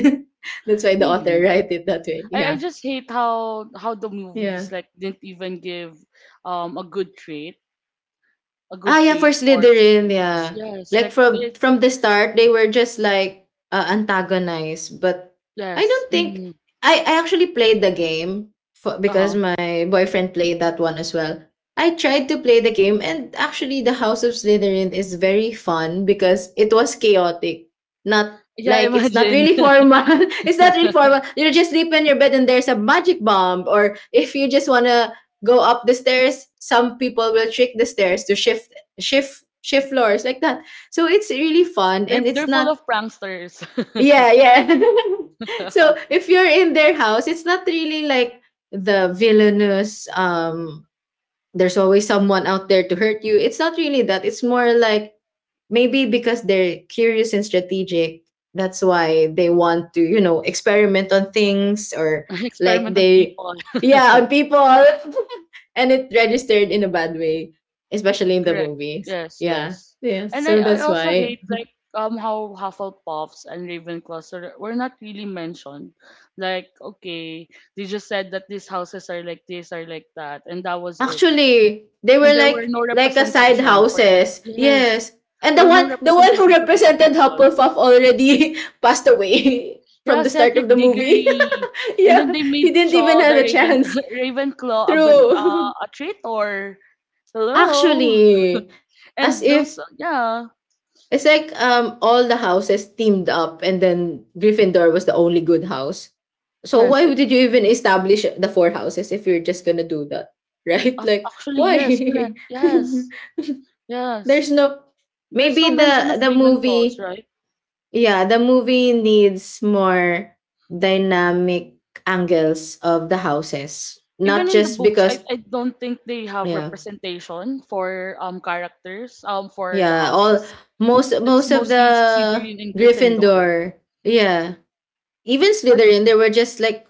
B: That's why the author
A: Really.
B: write it that way.
A: I, I
B: Yeah,
A: just hate how how the
B: yeah.
A: movies like didn't even give um a good trait a
B: Ah,
A: good
B: yeah, for
A: trait for
B: Slytherin,
A: Slytherins.
B: yeah.
A: Yes.
B: Like
A: Like
B: from
A: this.
B: from the start, they were just like uh, antagonized. But I
A: Yes.
B: don't think
A: Hmm.
B: I I actually played the game for,
A: Uh
B: because
A: huh.
B: my boyfriend played that one as well. I tried to play the game, and actually, the House of Slytherin is very fun because it was chaotic. Not
A: Yeah.
B: like it's not
A: Imagine.
B: really formal. it's not really formal. You just sleep in your bed, and there's a magic bomb, or if you just wanna go up the stairs, some people will trick the stairs to shift shift shift floors like that. So it's really fun
A: They're
B: and
A: they're
B: it's
A: full
B: not,
A: of pranksters.
B: yeah, yeah. so if you're in their house, it's not really like the villainous, um there's always someone out there to hurt you. It's not really that. It's more like maybe because they're curious and strategic, that's why they want to, you know, experiment on things or like
A: Experiment on
B: they.
A: people.
B: Yeah, on people. and it registered in a bad way, especially in the
A: Correct.
B: movies.
A: Yes,
B: Yeah,
A: yes.
B: yeah.
A: And I,
B: So
A: I
B: that's
A: also
B: why
A: hate like um how Hufflepuffs and Ravenclaws are, were not really mentioned. Like, okay, they just said that these houses are like this, are like that, and that was it.
B: actually they
A: And
B: were
A: there were
B: like
A: no
B: like a side
A: representation for this.
B: houses.
A: Yes.
B: Yes, and
A: There
B: the
A: were no
B: one the one who
A: representation for these
B: represented
A: people.
B: Hufflepuff already passed away from
A: Yeah,
B: the start
A: Cedric
B: of the movie.
A: Diggory. And then
B: yeah,
A: they
B: he
A: made
B: didn't even
A: Shaw
B: have
A: the
B: a
A: Raven
B: chance.
A: Ravenclaw a bit uh,
B: True.
A: a traitor. Hello.
B: actually, as
A: And those
B: if.
A: yeah.
B: It's like um all the houses teamed up and then Gryffindor was the only good house. So
A: Yes,
B: why
A: it
B: would- did you even establish the four houses if you're just gonna do that? Right?
A: ac-
B: Like
A: actually yes,
B: why?
A: correct. Yes. Yes.
B: There's no,
A: There's
B: maybe
A: no mention
B: the
A: of
B: the
A: Ravenclaws,
B: movie,
A: right?
B: yeah, the movie needs more dynamic angles of the houses.
A: Even
B: Not
A: in the
B: just
A: books, I,
B: because,
A: I don't think they have
B: yeah.
A: representation for um characters um for the
B: Yeah, all
A: houses.
B: most
A: It's
B: most of
A: mostly
B: the
A: Slytherin and Gryffindor.
B: Gryffindor, yeah. Even
A: But
B: Slytherin, they were just like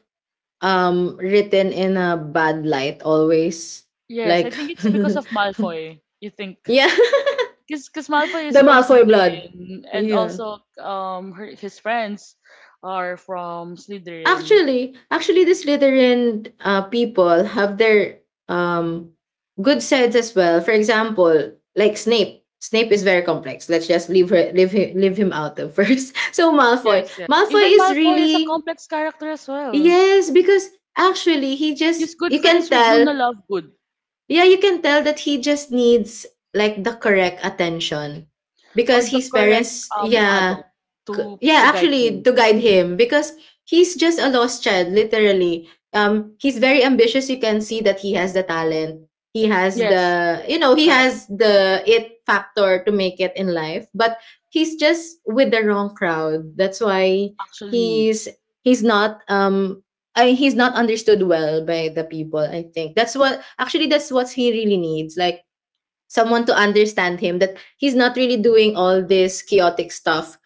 B: um written in a bad light always.
A: yes, I
B: Like
A: think it's because of Malfoy, you think.
B: Yeah,
A: Because because Malfoy
B: the
A: is from
B: Malfoy blood.
A: Slytherin, and
B: Yeah.
A: also um her, his friends are from Slytherin.
B: Actually, actually the Slytherin uh, people have their um good sides as well. For example, like Snape. Snape is very complex. Let's just leave her leave him, leave him out of first. So Malfoy.
A: Yes, yes.
B: Malfoy
A: Even
B: is
A: Malfoy is a
B: really
A: complex character as well.
B: yes because actually he just
A: He's good
B: you can
A: friends with
B: tell.
A: Luna Lovegood,
B: Yeah, you can tell that he just needs like the correct attention
A: or
B: because
A: the
B: his
A: correct
B: parents,
A: um
B: yeah,
A: adult
B: c-
A: to to
B: yeah,
A: guide
B: actually
A: him.
B: to guide him because he's just a lost child, literally. Um, he's very ambitious. You can see that he has the talent. He has
A: Yes,
B: the, you know, he
A: correct.
B: has the it factor to make it in life, but he's just with the wrong crowd. That's why
A: Actually,
B: he's he's not um I he's not understood well by the people, I think. That's what actually that's what he really needs, like someone to understand him that he's not really doing all this chaotic stuff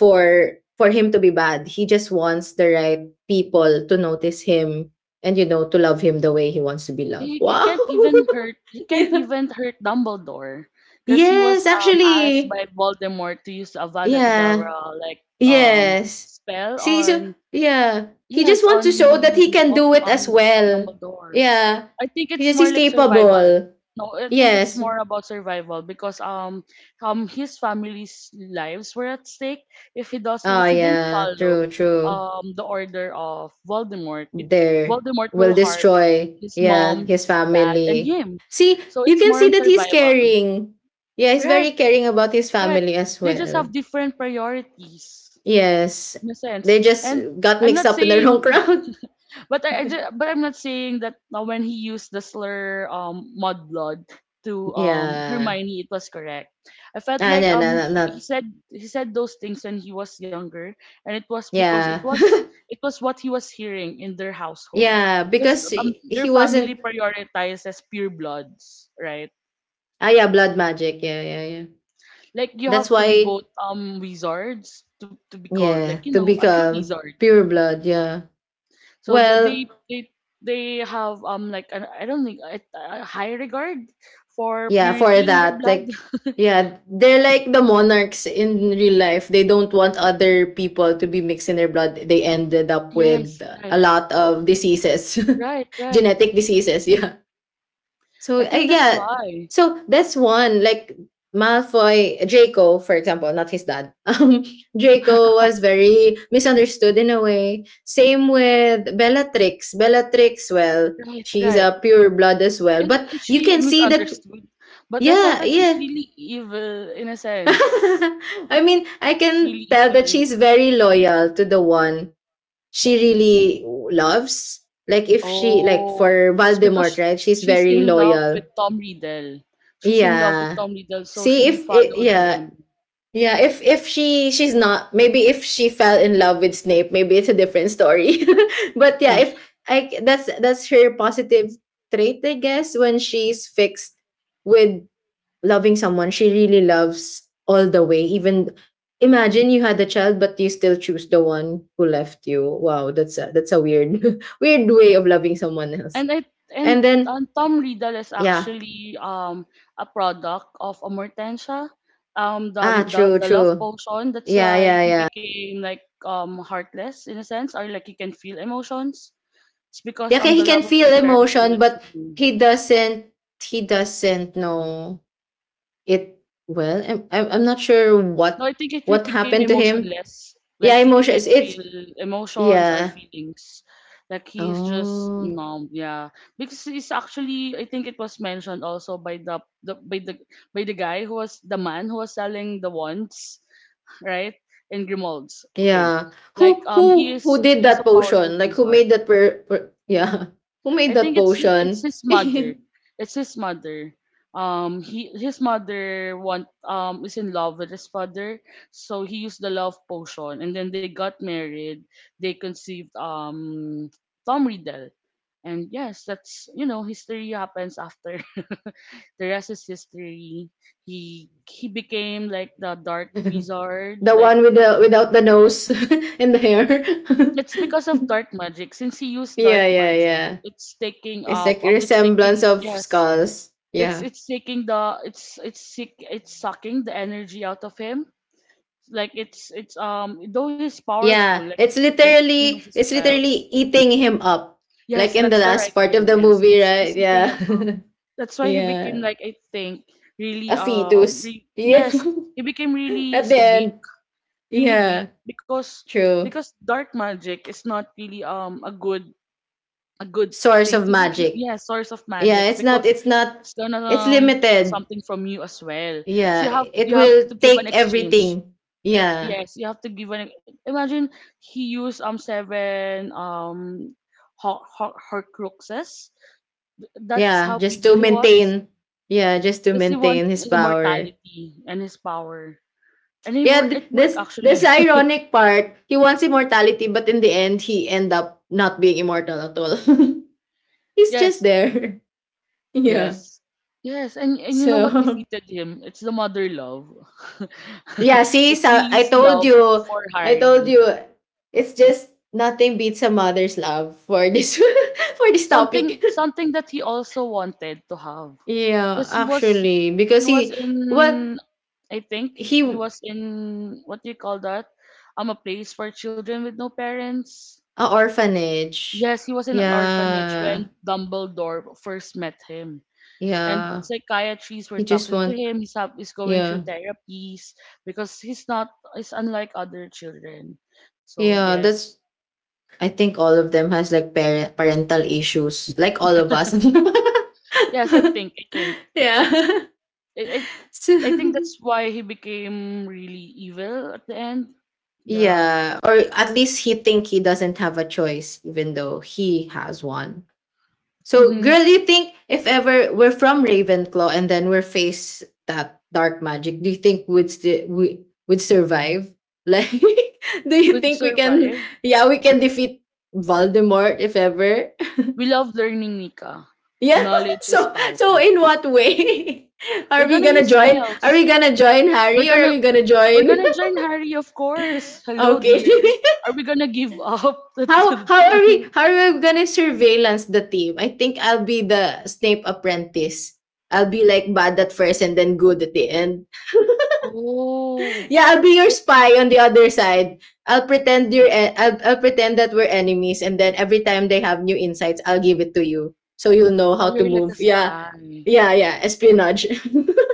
B: for for him to be bad. He just wants the right people to notice him and you know to love him the way he wants to be loved.
A: he, he
B: Wow.
A: can't even hurt. He can't
B: Yeah.
A: even hurt Dumbledore, because he was
B: Yes,
A: um asked
B: actually.
A: by Voldemort to use Avada
B: Yeah.
A: Kedavra like um
B: Yes.
A: spell
B: See, so
A: on.
B: yeah, he just
A: Yes,
B: wants to
A: on
B: show that he can
A: Vol-
B: do it as
A: on
B: well.
A: Dumbledore.
B: Yeah,
A: I think
B: he
A: it's
B: just
A: more
B: he's
A: like survival.
B: capable.
A: No, I think it's
B: Yes.
A: more about survival because um um his family's lives were at stake if he does
B: Oh
A: if he didn't
B: yeah, true,
A: follow
B: true.
A: um the order of Voldemort. It
B: There
A: Voldemort will
B: will
A: harm
B: destroy.
A: his
B: Yeah,
A: mom,
B: his
A: his dad, and
B: family.
A: him.
B: See,
A: So
B: you
A: it's
B: can
A: more
B: see
A: on
B: that he's
A: survival.
B: caring. Yeah, he's
A: Right,
B: very caring about his
A: right.
B: family as
A: They just
B: well.
A: have different priorities
B: Yes,
A: in a sense.
B: they just
A: And
B: got
A: I'm
B: mixed
A: not
B: up in the wrong
A: saying.
B: crowd.
A: But I, I ju- but I'm not saying that, uh, when he used the slur, um mudblood to um
B: Yeah.
A: Hermione, it was correct. I felt
B: Ah,
A: like
B: no, no,
A: um
B: no,
A: he, he
B: not
A: said he said those things when he was younger, and it was because it
B: yeah.
A: was it was what he was hearing in their household.
B: Yeah,
A: Because
B: because
A: um
B: he
A: their
B: he
A: family
B: wasn't
A: prioritizes pure bloods, right?
B: ah, yeah, blood magic. Yeah, yeah, yeah.
A: Like you
B: That's
A: have to be
B: why
A: both um wizards to, to be called,
B: yeah,
A: like, you
B: to
A: know, a true
B: become
A: wizard.
B: pure blood, yeah.
A: So th-
B: Well,
A: they they they have, um like an, I don't think, a, a high regard for
B: yeah, for
A: purity in their
B: that,
A: blood.
B: like yeah, they're like the monarchs in real life. They don't want other people to be mixed in their blood. They ended up
A: Yes,
B: with
A: right,
B: a lot of diseases.
A: right, right.
B: Genetic diseases, yeah. So
A: I
B: uh,
A: think that's
B: yeah,
A: why.
B: so that's one like Malfoy, Draco, for example, not his dad. Um, Draco was very misunderstood in a way. Same with Bellatrix. Bellatrix, well,
A: Right,
B: she's
A: right.
B: a pure blood as well,
A: Is,
B: but
A: is
B: you
A: she
B: can see that.
A: misunderstood? But I felt
B: Yeah,
A: like she's
B: yeah.
A: really evil in a sense.
B: I mean, I
A: She's really
B: can tell that
A: evil.
B: she's very loyal to the one she really loves. Like if she like
A: Oh,
B: for
A: it's
B: Voldemort,
A: because
B: right? She's
A: she's
B: very
A: in love
B: loyal.
A: with Tom Riddle. She's in love with
B: Yeah.
A: Tom Riddle, so
B: See
A: she
B: if I
A: followed
B: yeah,
A: him.
B: yeah, if if she she's not, maybe if she fell in love with Snape maybe it's a different story, but yeah if I c- that's that's her positive trait I guess. When she's fixed with loving someone, she really loves all the way. Even imagine you had a child but you still choose the one who left you. Wow, that's a that's a weird weird way of loving someone else.
A: And I and,
B: And then
A: um, Tom Riddle is
B: yeah,
A: actually um a product of Amortensia, um
B: ah,
A: the, the
B: true,
A: the love
B: true,
A: potion. That's
B: yeah,
A: why
B: yeah,
A: he
B: yeah.
A: became like, um heartless in a sense, or like he can feel emotions. It's
B: Yeah,
A: because
B: okay,
A: um
B: he
A: the
B: can
A: love of
B: feel
A: his parents were
B: emotion,
A: not
B: but
A: true.
B: he doesn't he doesn't know it well. I'm I'm, I'm not sure
A: No,
B: what
A: I think if he
B: what
A: became
B: happened to him.
A: emotionless,
B: Yeah,
A: like he can't
B: emotions.
A: feel
B: It's
A: emotions or
B: yeah.
A: feelings, like he is just
B: Oh,
A: numb. Yeah, because he's actually, I think it was mentioned also by the, the by the by the guy who was the man who was selling the wands, right? In Grimald's. Okay,
B: yeah.
A: like,
B: Who
A: um, he
B: who
A: is
B: who did
A: he's a
B: that
A: powerful
B: potion? Like who
A: wizard.
B: made that per, per yeah? Who made
A: I
B: that
A: think it's it's
B: potion?
A: his
B: The
A: mother. It's his mother. Um, he his mother want um is in love with his father, so he used the love potion, and then they got married. They conceived um Tom Riddle, and yes, that's, you know history happens after. The rest is history. He he became like the dark wizard. Like
B: one with the without the nose and the hair.
A: it's because of dark magic. Since he used
B: Yeah,
A: dark
B: yeah,
A: magic,
B: yeah.
A: it's taking
B: It's
A: up
B: like
A: um it's
B: resemblance
A: taking
B: of
A: yes,
B: skulls.
A: it's
B: Yeah.
A: it's taking the it's it's sick it's sucking the energy out of him. Like, it's it's um though he's powerful,
B: Yeah.
A: like
B: It's
A: like he knows
B: literally
A: his
B: it's
A: spells.
B: literally eating him up.
A: Yes,
B: Like in the
A: that's the right
B: last part of
A: term.
B: the
A: Yes,
B: movie,
A: it's
B: right?
A: he's eating
B: Yeah.
A: him up. That's why he
B: Yeah.
A: became, like, I think really,
B: A
A: um
B: fetus.
A: re-
B: Yeah.
A: yes, he became really
B: At
A: s-
B: the
A: weak,
B: end.
A: really
B: Yeah.
A: weak because
B: True.
A: because dark magic is not really, um a good a good
B: Source
A: thing
B: of
A: to do.
B: magic.
A: Yeah, source of
B: Yeah,
A: magic,
B: it's not
A: because
B: it's not
A: it's gonna,
B: it's
A: um, take
B: limited.
A: something from you as well. So
B: Yeah.
A: you have
B: It
A: you have to
B: will
A: give an
B: take
A: exchange.
B: everything. Yeah.
A: Yes, you have to give an. Imagine he used, um seven, um hor- hor- horcruxes. Th- That's
B: Yeah.
A: how
B: Just
A: evil
B: to
A: he was.
B: maintain. Yeah, just to
A: Because he
B: maintain
A: wants
B: his power.
A: immortality and his power, and he
B: Yeah,
A: wor-
B: th-
A: it worked
B: this this
A: actually.
B: ironic part. He wants immortality, but in the end, he end up not being immortal at all. He's just
A: Yes,
B: there. Yeah.
A: yes. Yes, and and you know what
B: So
A: defeated him? It's the mother love.
B: yeah, see,
A: It's
B: so I
A: Lily's
B: told
A: love
B: you,
A: for
B: I told
A: Harry.
B: you, it's just nothing beats a mother's love for this for this
A: Something,
B: topic.
A: something that he also wanted to have.
B: Yeah,
A: Because he was
B: actually,
A: he
B: because
A: was
B: he well
A: in I think he
B: he
A: was in, what do you call that? Um a place for children with no parents.
B: a orphanage.
A: Yes, he was in an orphanage
B: Yeah,
A: when Dumbledore first met him. And
B: yeah.
A: psychiatrists were
B: He just
A: talking to
B: want
A: him. He's hap- he's going
B: yeah.
A: through therapies because he's not he's unlike other children. So
B: Yeah,
A: yes,
B: that's I think all of them has like parent parental issues, like all of us.
A: yes, I think I think
B: Yeah.
A: it, it I think
B: So,
A: that's why he became really evil at the end. Yeah,
B: yeah, or at least he think he doesn't have a choice, even though he has one. So,
A: mm-hmm.
B: girl, do you think if ever we're from Ravenclaw and then we're faced that dark magic, do you think would sti- we would survive? Like, do you
A: We'd
B: think we can?
A: survive.
B: Yeah, we can defeat Voldemort if ever.
A: We love learning, Nika.
B: Yeah.
A: Knowledge is
B: So so
A: power.
B: in what way
A: We're
B: are we
A: gonna
B: gonna
A: use
B: join? Are we
A: spells.
B: gonna join
A: We're
B: Harry or are
A: gonna
B: we gonna
A: we're
B: join?
A: gonna join Harry, of course. Hello,
B: Okay.
A: dear. Are we gonna give up to,
B: how how are we
A: to.
B: how are we gonna surveillance the team? I think I'll be the Snape apprentice. I'll be like bad at first and then good at the end.
A: Oh,
B: Yeah, I'll be your
A: eh,
B: spy on the other side. I'll pretend you're e- I'll, I'll pretend that we're enemies and then every time they have new insights, I'll give it to you. So you'll know
A: oh,
B: how to
A: you're like a
B: move. Yeah.
A: spy.
B: Yeah, yeah. Espionage.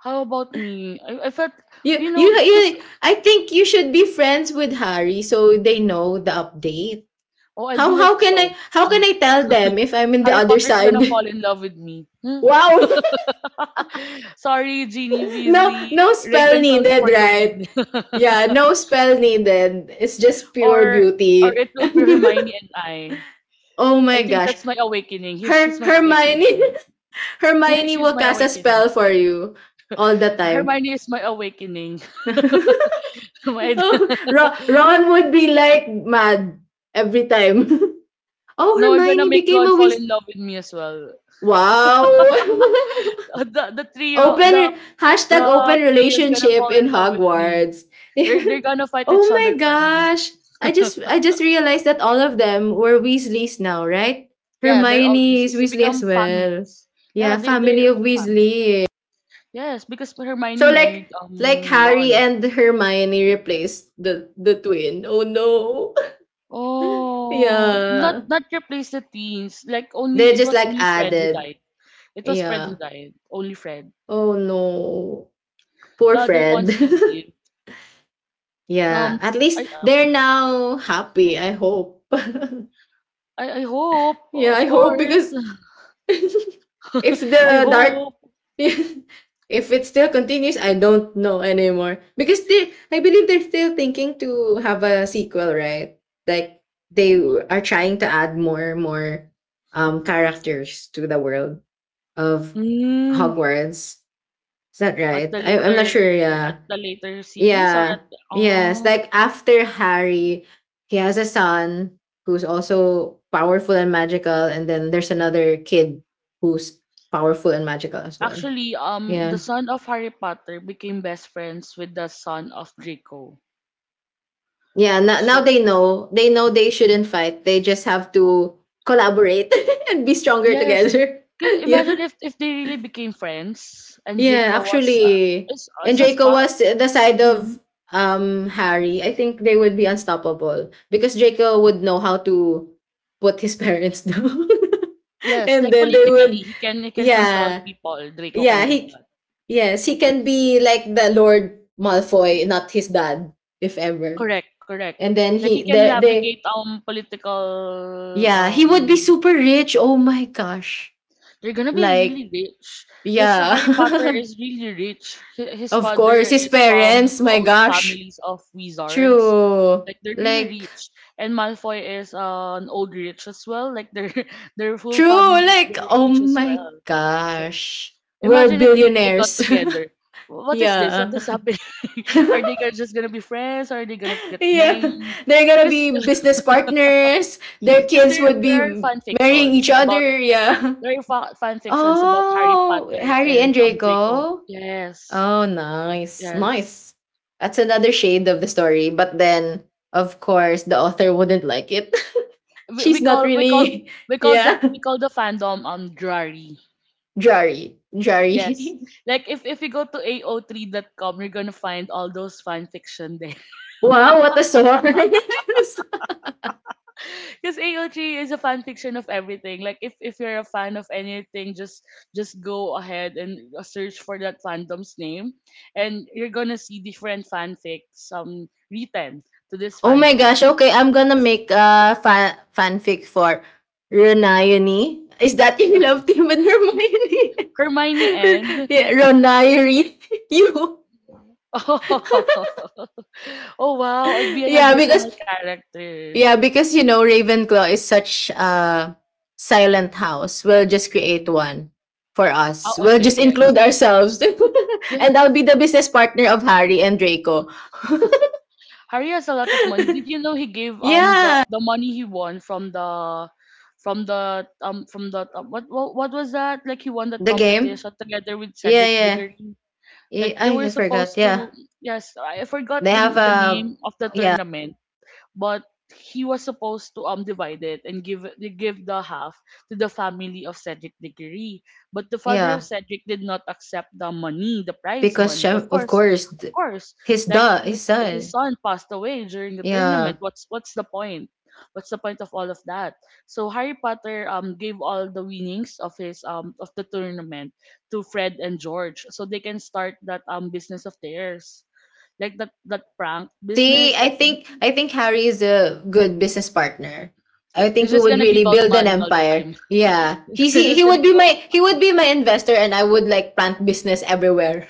A: How about me? I, I felt,
B: You,
A: you
B: you,
A: know, because,
B: you, I think you should be friends with Harry so they know the update.
A: oh, I'll be
B: How,
A: like,
B: how can I,
A: so,
B: how
A: hmm,
B: can I tell them if I'm in the
A: Harry
B: other
A: Potter's gonna
B: side?
A: fall in love with me. Hmm.
B: Wow.
A: Sorry, Ginny
B: No,
A: Weasley,
B: no spell
A: Ravenclaw's
B: needed,
A: for the
B: right?
A: win.
B: Yeah, no spell needed. It's just pure
A: Or, or
B: beauty.
A: it will be Hermione and I.
B: Oh
A: I
B: my
A: think
B: gosh.
A: that's my awakening. He's, she's
B: Her,
A: my
B: Hermione,
A: awakening. She,
B: Hermione
A: she's
B: will
A: my
B: cast a spell
A: awakening.
B: for you all the time.
A: Hermione is my awakening. My-
B: Oh, Ron, Ron would be like mad every time. Oh,
A: No, I'm gonna
B: Hermione
A: make
B: became
A: Ron
B: a
A: fall
B: witch.
A: in love with me as well.
B: Wow!
A: Uh, the the three year, the
B: Open
A: the
B: hashtag open
A: three years gonna
B: relationship
A: fall
B: in
A: in love with me.
B: Hogwarts.
A: They're they're gonna fight
B: Oh
A: each other
B: my
A: for me.
B: gosh! I just I just realized that all of them were Weasleys now, right?
A: Yeah, they're all
B: Hermione is
A: nieces. They
B: Weasley
A: become
B: as well.
A: families.
B: Yeah,
A: Yeah, they
B: family
A: they're
B: of
A: they're family.
B: Weasley.
A: Yes, because Hermione
B: So
A: married
B: like like
A: um
B: Harry
A: Ron.
B: and Hermione replaced the the twin. Oh no.
A: Oh, not
B: Yeah.
A: not replace the teens. Like, only
B: They
A: it
B: just
A: was
B: like
A: only Fred who
B: added.
A: died. It was Fred who
B: Yeah.
A: died. Only Fred.
B: Oh no. Poor
A: The other ones
B: Fred.
A: still live.
B: Yeah,
A: Um,
B: at least
A: I
B: they're now happy, I hope.
A: I, I hope,
B: Yeah,
A: of
B: I hope
A: course.
B: because if
A: I
B: the dark
A: hope.
B: if it still continues, I don't know anymore. Because they I believe they're still thinking to have a sequel, right? Like they are trying to add more more um characters to the world of
A: Hmm,
B: Hogwarts. Is that
A: at
B: right?
A: the
B: I, I'm not
A: later
B: sure, yeah.
A: at the later series or
B: Yeah.
A: at.
B: Yes.
A: Oh.
B: Like after Harry, he has a son who's also powerful and magical, and then there's another kid who's powerful and magical as well.
A: Actually, um, the
B: Yeah.
A: son of Harry Potter became best friends with the son of Draco.
B: Yeah. Now, now
A: So
B: they know. They know they shouldn't fight. They just have to collaborate and be stronger
A: yes,
B: together.
A: Ca-
B: Yeah.
A: imagine if if they really became friends and
B: Yeah,
A: Draco was uh,
B: actually,
A: is, uh,
B: and
A: is a
B: Draco
A: spy.
B: was the side of
A: Mm,
B: um Harry. I think they would be unstoppable because Draco would know how to put his parents down,
A: yes,
B: and
A: like
B: then they
A: politically,
B: would.
A: he can he can control
B: Yeah,
A: people. Draco can
B: yeah,
A: do
B: he,
A: that.
B: yes, he can be like the Lord Malfoy, not his dad, if ever.
A: Correct, correct.
B: And then
A: Like he
B: he,
A: can
B: they, they,
A: navigate um political,
B: yeah, he would be
A: um
B: super rich. Oh my gosh,
A: They're gonna be
B: like
A: really rich because
B: yeah,
A: Harry Potter is really rich. Hi- His
B: of
A: father
B: course, his
A: is from
B: parents. My
A: old
B: gosh.
A: families of wizards.
B: True.
A: Like they're really
B: Like,
A: rich, and Malfoy is, uh, an old rich as well. Like their their full family
B: true.
A: is
B: Like,
A: very
B: oh
A: rich as
B: my
A: well. So
B: gosh. World
A: imagine if they, they got
B: billionaires.
A: together. What is this? What
B: Yeah.
A: is happening? are they gonna- just gonna be friends? Are they gonna get
B: Yeah.
A: married?
B: They're gonna
A: Because
B: be business partners. Their kids
A: there
B: would
A: there
B: be
A: are fan
B: marrying
A: fictions
B: each
A: about,
B: other. Yeah.
A: there are fa- fan fictions about Harry
B: Oh,
A: Potter
B: Harry
A: and
B: and
A: um Draco.
B: Draco.
A: Yes,
B: Oh, nice.
A: yes.
B: Nice. That's another shade of the story. But then, of course, the author wouldn't like it.
A: We, we
B: She's not
A: call we call
B: really,
A: we call
B: yeah,
A: the we call the fandom um Drari.
B: Jari. Jari.
A: Yes. Like if if you go to a o three dot com, you're gonna find all those fan fiction there.
B: Wow, what a source.
A: Because A O three is a fan fiction of everything. Like if if you're a fan of anything, just just go ahead and search for that fandom's name, and you're gonna see different fanfics um written to this
B: Oh my
A: fandom.
B: gosh. Okay, I'm gonna
A: Yes.
B: make a fa- fanfic for Ronione. Is that your love team with Hermione?
A: Hermione and
B: R- yeah, Ronione. You.
A: oh, wow, it'd be an
B: Yeah, because
A: additional character.
B: yeah, because you know Ravenclaw is such a silent house. We'll just create one for us.
A: Oh,
B: We'll
A: okay,
B: just
A: yes.
B: include ourselves. And
A: Yes.
B: I'll be the business partner of Harry and Draco.
A: Harry has a lot of money. Did you know he gave um the,
B: Yeah.
A: the money he won from the, from the um from the um, what, what what was that? Like he won that
B: The game?
A: competition together with
B: Yeah,
A: Cedric
B: yeah.
A: Diggory. Like
B: Yeah
A: they
B: I,
A: were
B: I forgot.
A: supposed
B: Yeah.
A: to, yes, I forgot
B: They
A: the
B: have
A: the
B: a
A: name of the tournament, but he was supposed to um divide it and give it- give the half to the family of Cedric Diggory. But the father of
B: yeah,
A: Cedric did not accept the money, the prize
B: because
A: money. Of
B: Shem, of
A: course,
B: course
A: of
B: th-
A: course.
B: his
A: Like
B: da his
A: his, his
B: son.
A: son passed away during the tournament.
B: Yeah.
A: What's what's the point? What's the point of all of that? So Harry Potter um gave all the winnings of his um of the tournament to Fred and George so they can start that um business of theirs. Like that that prank
B: See,
A: business,
B: I
A: like
B: think I think Harry is a good business partner. I think
A: he's
B: we
A: just
B: would
A: gonna
B: really
A: give out
B: build an
A: money all the
B: empire.
A: time.
B: Yeah.
A: He's
B: He's, he he
A: just
B: would
A: gonna
B: be
A: give out
B: my he would
A: money.
B: be my investor and I would like plant business everywhere.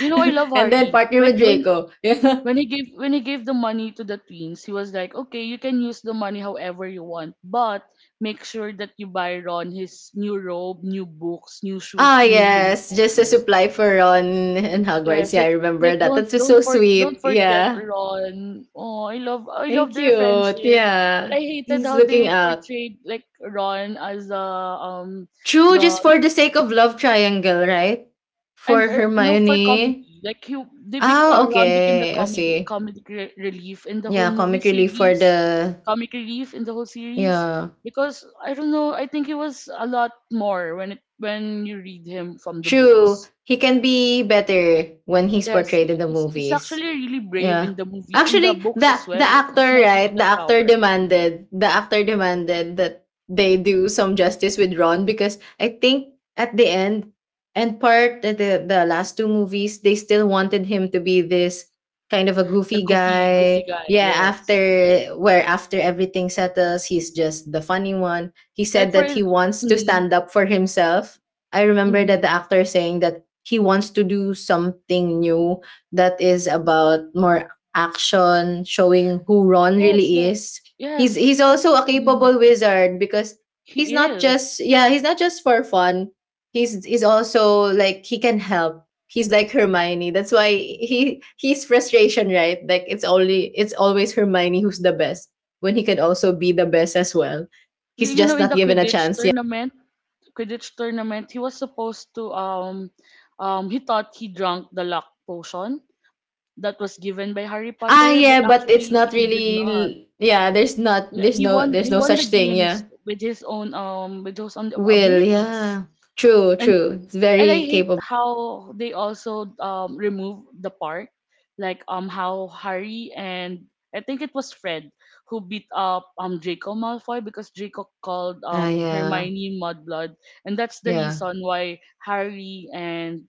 A: You know, I love
B: And then
A: Harry.
B: partner
A: When
B: with
A: when
B: Draco. Yeah.
A: when he gave when he gave the money to the twins, he was like, "Okay, you can use the money however you want, but make sure that you buy Ron his new robe, new books, new shoes,
B: Ah
A: new
B: yes, just a
A: uniforms."
B: supply for Ron and Hogwarts.
A: Yes,
B: Yeah, I
A: like,
B: remember
A: like
B: that.
A: don't
B: That's just
A: don't
B: so
A: for
B: sweet.
A: don't forget
B: Yeah.
A: Ron. Oh, I love I love
B: Thank
A: their
B: you.
A: friendship. And
B: Yeah.
A: I hated
B: He's
A: how
B: looking
A: they
B: up.
A: portrayed like Ron as a um
B: True,
A: the
B: just for the sake of love triangle, right?
A: and
B: For
A: uh, no for
B: Hermione.
A: comedy. Like he they bec
B: Ah,
A: uh, Ron became the
B: okay. I
A: comedy
B: see.
A: comedic re- relief in the whole
B: Yeah,
A: movie
B: comic relief for
A: series,
B: the.
A: comic relief in the whole series
B: Yeah.
A: because I don't know, I think he was a lot more when it when you read him from the
B: True.
A: books.
B: He can be better when he's
A: Yes,
B: portrayed
A: he-
B: in the
A: he's, he's actually
B: movies.
A: really brave in
B: Yeah.
A: the movie, in the
B: Actually,
A: books
B: the
A: as well.
B: the
A: He's
B: actor,
A: not really
B: right? The
A: that
B: actor
A: coward. Mm.
B: demanded the actor demanded that they do some justice with Ron because I think at the end and part at the the last two movies, they still wanted him to be this kind of a
A: The
B: goofy
A: goofy, goofy
B: guy.
A: guy.
B: Yeah,
A: Yes.
B: after where after everything settles, he's just the funny one. He
A: Like
B: said
A: for,
B: that
A: in-
B: he wants to
A: mm,
B: stand up for himself. I remember that
A: mm
B: the actor saying that he wants to do something new that is about more action, showing who Ron
A: Yes,
B: really
A: yes,
B: is. He's
A: yes.
B: he's
A: Because
B: also a
A: mm,
B: capable wizard because he's
A: he
B: not
A: is.
B: just yeah, he's not just for fun. He's he's also like he can help. He's like Hermione. That's why he he's frustration, right? Like it's only it's always Hermione who's the best when he can also be the best as well.
A: You
B: He's
A: you know,
B: just
A: in
B: not
A: the
B: given a
A: Quidditch
B: chance. Yeah.
A: tournament, Quidditch tournament, he was supposed to, um, um, he thought he drank the luck potion that was given by Harry
B: Ah
A: Potter, but
B: yeah, but it's
A: actually
B: not
A: he did not.
B: really yeah, there's not there's
A: he
B: no
A: won he
B: there's no
A: won the
B: such thing,
A: games
B: yeah.
A: with his own, um with those own
B: Will,
A: abilities,
B: yeah. True,
A: and
B: true. It's
A: and I
B: very
A: hate
B: capable.
A: how they also um remove the part like um how Harry and I think it was Fred who beat up um Draco Malfoy because Draco called
B: Ah,
A: um
B: yeah,
A: Hermione mudblood, and that's the
B: yeah,
A: reason why Harry and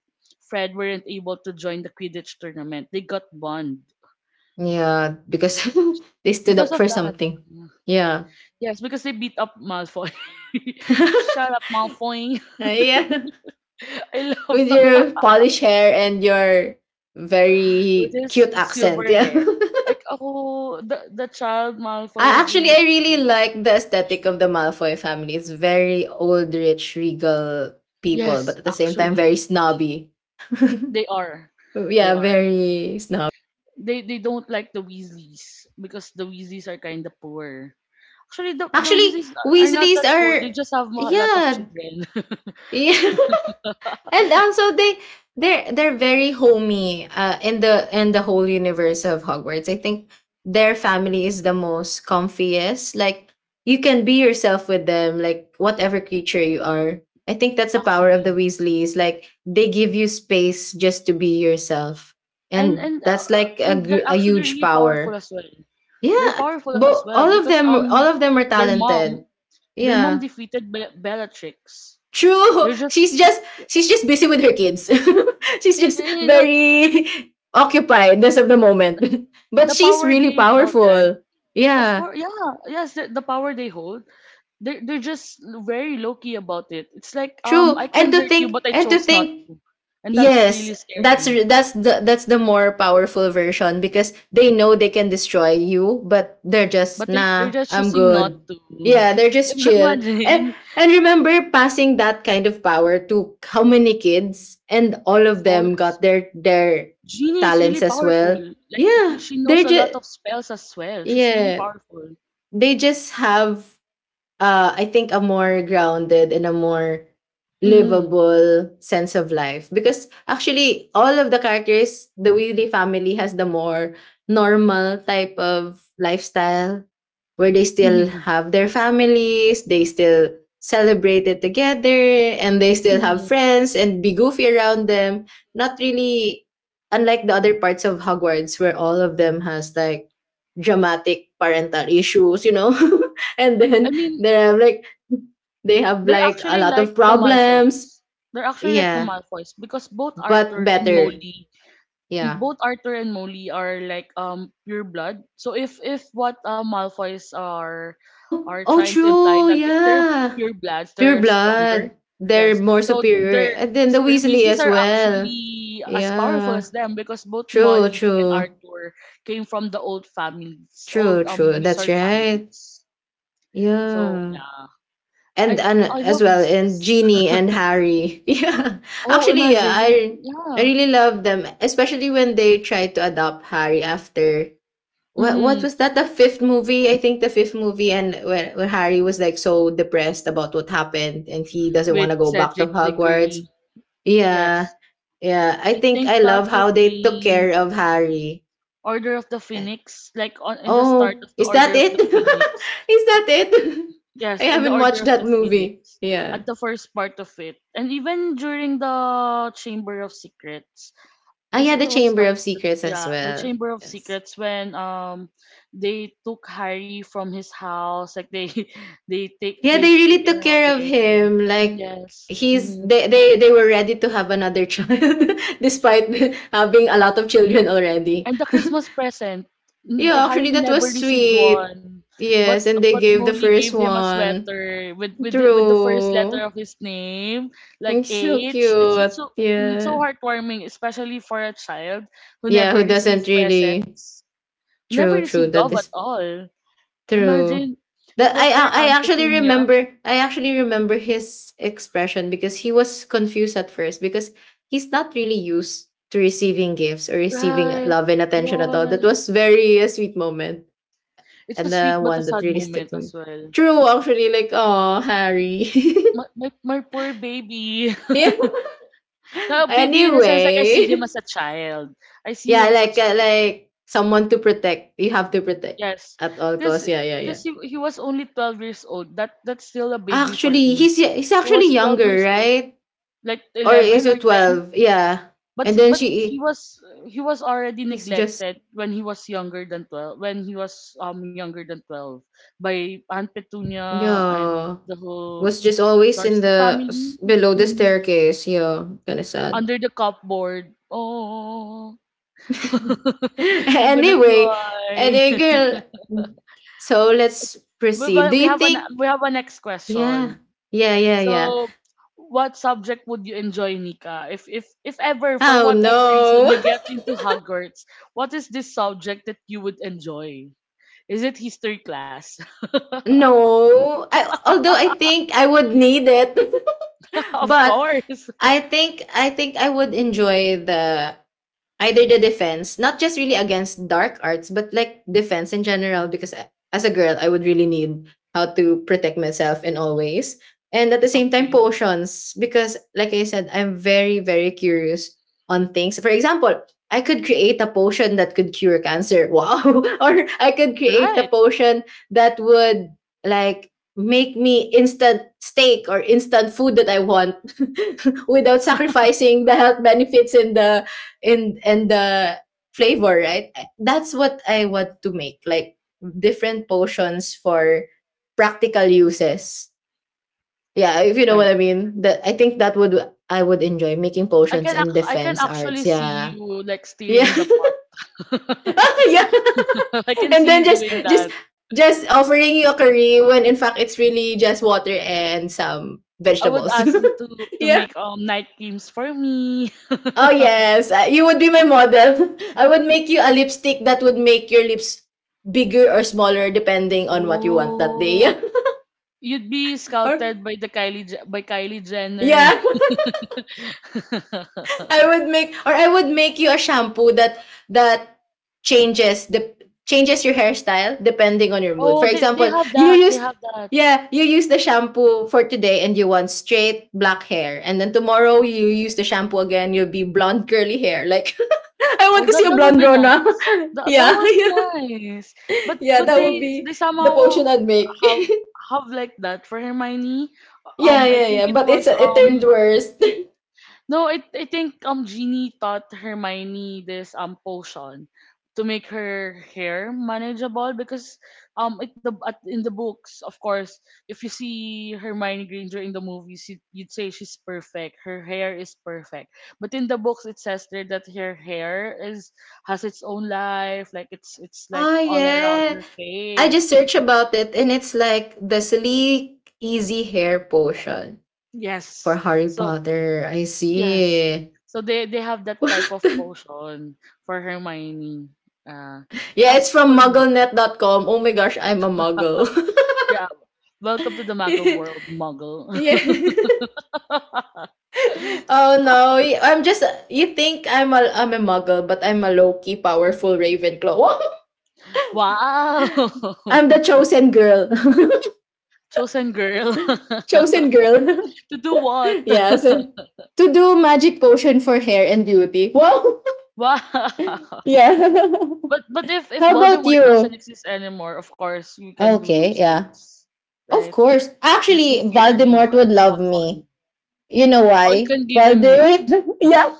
A: Fred weren't able to join the Quidditch tournament. They got banned
B: yeah. Because they stood
A: because
B: up
A: of
B: for
A: that.
B: something.
A: mm.
B: Yeah,
A: Yes, because they beat up Malfoy. Shut up, Malfoy.
B: Ah, yeah.
A: I love
B: With your polished hair and your
A: with
B: very
A: his
B: cute accent.
A: silver
B: Yeah.
A: hair. Like ako, the the child Malfoy
B: I
A: is
B: actually
A: really
B: I really
A: cute.
B: like the aesthetic of the Malfoy family. It's very old, rich, regal people, but
A: Yes,
B: at the same time
A: actually,
B: very snobby.
A: they are. They
B: yeah,
A: are.
B: very snobby.
A: They they don't like the Weasleys because the Weasleys are kind of poor. Actually, the the
B: Actually,
A: Weasleys are are not
B: Weasleys
A: that poor.
B: are
A: They just have a lot of
B: yeah.
A: children.
B: yeah. And also they they're they're very homey uh, in the in the whole universe of Hogwarts. I think their family is the most comfiest. Like you can be yourself with them, like whatever creature you are. I think that's the power of the
A: Actually,
B: Weasleys. Like they give you space just to be yourself,
A: and
B: and
A: and
B: that's
A: uh,
B: like a
A: and they're
B: gr- a
A: actually
B: huge
A: really powerful
B: power.
A: as well. They're
B: Yeah,
A: powerful as
B: but
A: well
B: all of
A: because
B: them,
A: um
B: all of them are
A: their mom,
B: talented.
A: their mom
B: Yeah.
A: defeated Be- Bellatrix. They're
B: True.
A: just,
B: She's just she's just busy with her kids. she's just
A: they, you know,
B: very occupied as of the moment. But
A: the
B: she's
A: power
B: really
A: they held, right?
B: powerful.
A: Of
B: Yeah.
A: course, yeah, yes, the, the power they hold. They're, they're just very low key about it. It's like, um,
B: True.
A: I can
B: And to
A: hurt you, but
B: think
A: I
B: and to
A: chose not
B: think
A: to. And that's really
B: Yes, that's
A: scary.
B: re- that's the that's the more powerful version because they know they can destroy you, but they're just
A: But they, they're
B: nah,
A: just
B: I'm
A: choosing not
B: good.
A: to.
B: Yeah, they're just chill. And
A: Imagine.
B: and remember passing that kind of power to how many kids and all of
A: Of
B: them
A: course.
B: got their their
A: Genie is
B: talents
A: really
B: as
A: powerful.
B: well.
A: Like, he,
B: Yeah,
A: she
B: they're
A: knows a lot
B: just
A: of spells as well. She's really
B: yeah,
A: powerful.
B: they just have uh, I think a more grounded and a more
A: Mm.
B: livable sense of life. Because actually, all of the characters, the Weasley family has the more normal type of lifestyle where they still have their families, they still celebrate it together, and they still have
A: Mm.
B: friends and be goofy around them. Not really unlike the other parts of Hogwarts where all of them has like dramatic parental issues, you know? And
A: I
B: then
A: mean,
B: they have like they have
A: they're
B: like a
A: actually
B: lot of
A: like the
B: problems.
A: Malfoys. They're actually like the
B: Yeah,
A: Malfoys because both
B: but
A: Arthur and
B: better.
A: Molly,
B: Yeah.
A: both Arthur and Molly are like um pure blood. So if if what uh, Malfoys are
B: Oh,
A: are
B: oh,
A: trying to imply
B: true.
A: that if they're
B: Yeah,
A: pure bloods,
B: pure
A: they're stronger.
B: blood. They're
A: Yes.
B: more
A: So
B: superior,
A: they're
B: and then the
A: s- or
B: Weasley
A: Weasleys
B: as
A: are
B: well.
A: actually as powerful
B: Yeah,
A: as them because both
B: true,
A: Molly and
B: true,
A: Arthur came from the old families,
B: true,
A: old um
B: true.
A: wizard
B: That's right.
A: families. So
B: Yeah,
A: yeah, I
B: and and
A: I love
B: as well,
A: Weasleys.
B: and Ginny and Harry. Yeah,
A: Oh,
B: actually, yeah,
A: imagine.
B: I I
A: Yeah.
B: really love them, especially when they try to adopt Harry after what what
A: Hmm.
B: was that the fifth movie? I think the fifth movie. And where, where Harry was like so depressed about what happened and he doesn't want
A: With
B: to go back to
A: Cedric
B: Hogwarts.
A: Diggory.
B: Yeah,
A: Yes.
B: yeah, I
A: I
B: think
A: think
B: I
A: that
B: love how
A: would
B: they took
A: be
B: care of Harry.
A: Order of the
B: Eh,
A: Phoenix, like on in the start
B: oh,
A: of the
B: is that
A: Order of
B: it?
A: the Phoenix.
B: is that it? I
A: Yes, in the
B: haven't
A: Order
B: watched
A: of
B: that
A: the
B: movie,
A: Phoenix,
B: yeah.
A: at the first part of it, and even during the Chamber of Secrets.
B: I
A: Is
B: had
A: it?
B: the
A: Was
B: Chamber
A: not
B: of
A: the,
B: Secrets as
A: yeah, the
B: well.
A: Chamber of
B: Yes.
A: Secrets when um they took Harry from his house, like they they take
B: Yeah, they
A: they've
B: really
A: taken
B: took
A: him
B: care of
A: away.
B: him. Like
A: Yes.
B: he's
A: Hmm.
B: they they, they were ready to have another child despite having a lot of children already.
A: And the Christmas present, mm,
B: yeah,
A: Harry
B: actually that
A: never
B: was
A: received
B: sweet.
A: one, but
B: Yes, and they
A: but
B: gave the
A: Molly gave
B: first
A: him a
B: one.
A: sweater with, with the, with the first letter
B: True.
A: of his name, like
B: It's so
A: H. it's
B: cute.
A: it's so it's so
B: Yeah.
A: heartwarming, especially for a child who
B: Yeah,
A: never
B: who
A: received
B: doesn't really
A: presents, who never
B: True, true.
A: received
B: That
A: love at
B: is
A: all.
B: True.
A: Imagine, it
B: That
A: was
B: I
A: her
B: I I
A: Aunt
B: actually
A: Petunia.
B: remember, I actually remember his expression because he was confused at first because he's not really used to receiving gifts or receiving
A: Right,
B: love and attention at
A: right.
B: all. That was very a sweet moment
A: It's a
B: and
A: sweet
B: the
A: but a
B: one that
A: sad
B: really
A: moment
B: stuck to
A: as
B: me.
A: well.
B: True, actually, like, oh Harry.
A: My, my, my poor baby.
B: yeah.
A: Now, baby in a sense, like I see him
B: Anyway,
A: as a child. I see him
B: yeah,
A: as a
B: like uh,
A: child.
B: like someone to protect. You have to protect
A: Yes.
B: at all
A: Because
B: costs. Yeah, yeah, yeah.
A: because he, he was only twelve years old. That That's still a baby for
B: Actually,
A: me.
B: he's he's
A: He
B: actually
A: was twelve
B: younger,
A: years old.
B: right?
A: Like
B: Or is
A: eleven or
B: it
A: ten.
B: twelve? Yeah.
A: But
B: And then
A: but
B: she
A: he was he was already
B: is just
A: neglected when he was younger than twelve, when he was um younger than twelve, by Aunt Petunia and
B: yeah.
A: the whole
B: Was just always in
A: Darcy
B: the s-
A: family.
B: below the
A: Mhm.
B: staircase. Yeah. Kinda sad.
A: Under the cupboard. Oh. I'm gonna
B: anyway,
A: cry.
B: any girl. So let's
A: but,
B: proceed.
A: but
B: Do
A: we have
B: you
A: an we
B: think
A: have a next
B: yeah.
A: question.
B: Yeah, yeah, yeah.
A: So, what subject would you enjoy, Nika? If if if ever for
B: Oh
A: whatever
B: no.
A: reason you get into Hogwarts, what is this subject that you would enjoy? Is it history class?
B: no. I, although I think I would need it.
A: Of
B: But
A: course.
B: I think I think I would enjoy the either the defense, not just really against dark arts, but like defense in general, because a- as a girl, I would really need how to protect myself in all ways. And at the same time,
A: Okay.
B: potions, because like I said, I'm very, very curious on things. For example, I could create a potion that could cure cancer. Wow. Or I could create a
A: Right.
B: potion that would like make me instant steak or instant food that I want without sacrificing the health benefits and the and and the flavor, right? I- that's what I want to make, like different potions for practical uses, yeah, if you know what
A: Right.
B: I mean. That I think that would I would enjoy making
A: I
B: potions
A: can
B: and
A: act- I can
B: defense
A: actually
B: arts,
A: see
B: yeah.
A: you like
B: Yeah.
A: steering the pot.
B: yeah.
A: I can
B: And
A: see
B: then
A: you
B: just
A: doing
B: just
A: that.
B: just offering you a curry when in fact it's really just water and some
A: I would
B: vegetables.
A: ask you to to make um night games for me.
B: Oh yes, uh, you would be my model. I would make you a lipstick that would make your lips bigger or smaller depending on what you want that day.
A: Oh, you'd be
B: Or
A: scouted by the Kylie Je- by Kylie Jenner.
B: yeah, I would make or I would make you a shampoo that that changes the changes your hairstyle depending on your mood. For
A: Oh, they, they
B: example,
A: have
B: you
A: that. They
B: use
A: have that.
B: yeah, you use the shampoo for today and you want straight black hair. And then tomorrow you use the shampoo again, you'll be blonde curly hair. Like I
A: Oh,
B: want to see
A: that
B: a
A: that would
B: blonde
A: be
B: Rona.
A: nice. That, that
B: yeah.
A: would be nice. But
B: yeah,
A: but
B: that would
A: they they
B: be the
A: somehow
B: potion I'd make.
A: have have like that for Hermione.
B: yeah,
A: Um, I
B: yeah,
A: think
B: yeah.
A: it
B: But it's
A: was
B: it turned
A: um
B: worse.
A: no, I I think um Genie taught Hermione this um potion to make her hair manageable because um at the at, in the books, of course, if you see Hermione Granger in the movies, you, you'd say she's perfect. Her hair is perfect. But in the books it says there that her hair is, has its own life, like it's it's like
B: Oh
A: all around
B: yeah.
A: her
B: I
A: face.
B: just searched about it and it's like the sleek easy hair potion for
A: Yes,
B: Harry
A: so
B: Potter. I
A: yes.
B: see.
A: So they they have that
B: What?
A: type of
B: The-
A: potion for Hermione. Uh,
B: Yeah, it's
A: as
B: from
A: for me,
B: mugglenet dot com. Oh my gosh, I'm a muggle.
A: yeah. Welcome to the Muggle world, Muggle.
B: yeah. Oh no. y- I'm just you think I'm a I'm a muggle, but I'm a low-key powerful Ravenclaw.
A: Wow.
B: I'm the chosen girl.
A: Chosen girl.
B: chosen girl.
A: To do what?
B: yeah, so to do magic potion for hair and beauty. Whoa.
A: Wow.
B: yeah.
A: But but if if
B: How about
A: Voldemort doesn't
B: you?
A: exist anymore, of course you can do
B: Okay,
A: those
B: yeah.
A: things,
B: Of
A: right?
B: course.
A: There's no
B: Actually,
A: fear
B: Voldemort would
A: anymore to
B: love
A: have fun.
B: me. You know
A: Or you
B: why?
A: can give him hair.
B: Voldemort. yeah,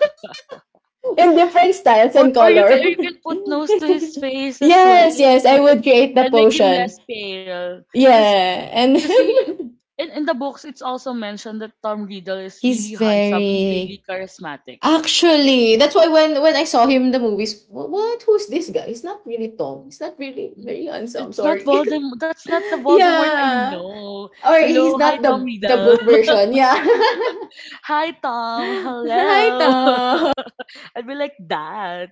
B: in different styles
A: Or
B: and
A: or you can
B: color.
A: or you can put nose to his face as well,
B: yes, yes, I would
A: and
B: create the
A: and make him
B: potion.
A: less pale. Cause
B: Yeah, and
A: cause he, in, in the books it's also mentioned that Tom Riddle is
B: He's
A: really handsome and really
B: very
A: charismatic.
B: Actually, that's why when when I saw him in the movies, "Wha what? Who's this guy? He's not really tall. He's not really
A: Mm,
B: very handsome.
A: it's not
B: Sorry."
A: Voldemort. That's not the Voldemort I
B: yeah.
A: know.
B: Or he's
A: Hello, hi,
B: not
A: Tom
B: the the
A: Riddle.
B: book version. Yeah.
A: Hi, Tom.
B: Hi,
A: Hello.
B: Tom.
A: I'd be like that.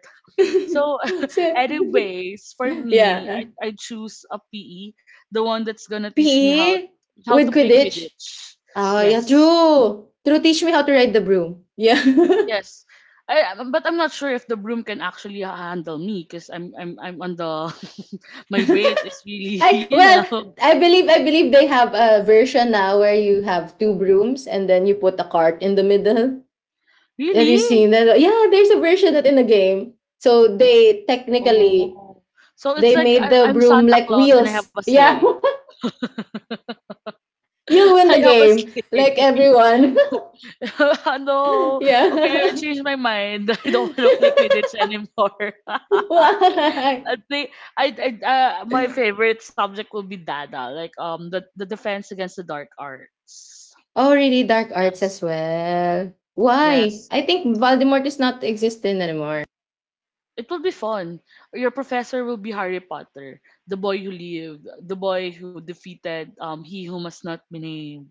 A: So,
B: so,
A: anyways, for me,
B: yeah.
A: I, I choose a P E, the one that's gonna teach me how
B: P E
A: how to
B: with
A: play
B: Quidditch.
A: Quidditch.
B: Ah, yeah,
A: Yes,
B: true. True, teach me how to ride the broom. Yeah.
A: yes. I, um, but I'm not sure if the broom can actually handle me because I'm I'm I'm on the my weight is really
B: I
A: you know.
B: well, I believe I believe they have a version now where you have two brooms and then you put a cart in the middle. Have you
A: Really?
B: seen that? Yeah, there's a version that in the game. So they technically
A: Oh, so it's
B: they
A: like
B: made
A: I,
B: the
A: I'm
B: broom
A: Santa
B: like
A: Claus and I have a
B: wheels. Yeah,
A: sleigh.
B: you win
A: I
B: the
A: have a
B: game like
A: sleigh.
B: everyone.
A: No, okay, I
B: yeah.
A: changed my mind. I don't want to play Quidditch anymore. I
B: Why?
A: think I, I uh, my favorite subject will be Dada, like um the the defense against the dark arts.
B: Oh, really? Dark arts
A: Yes,
B: as well. Why?
A: yes,
B: I think Voldemort is not existing anymore.
A: it will be fun. Your professor will be Harry Potter, the boy who lived, the boy who defeated um he who must not be named.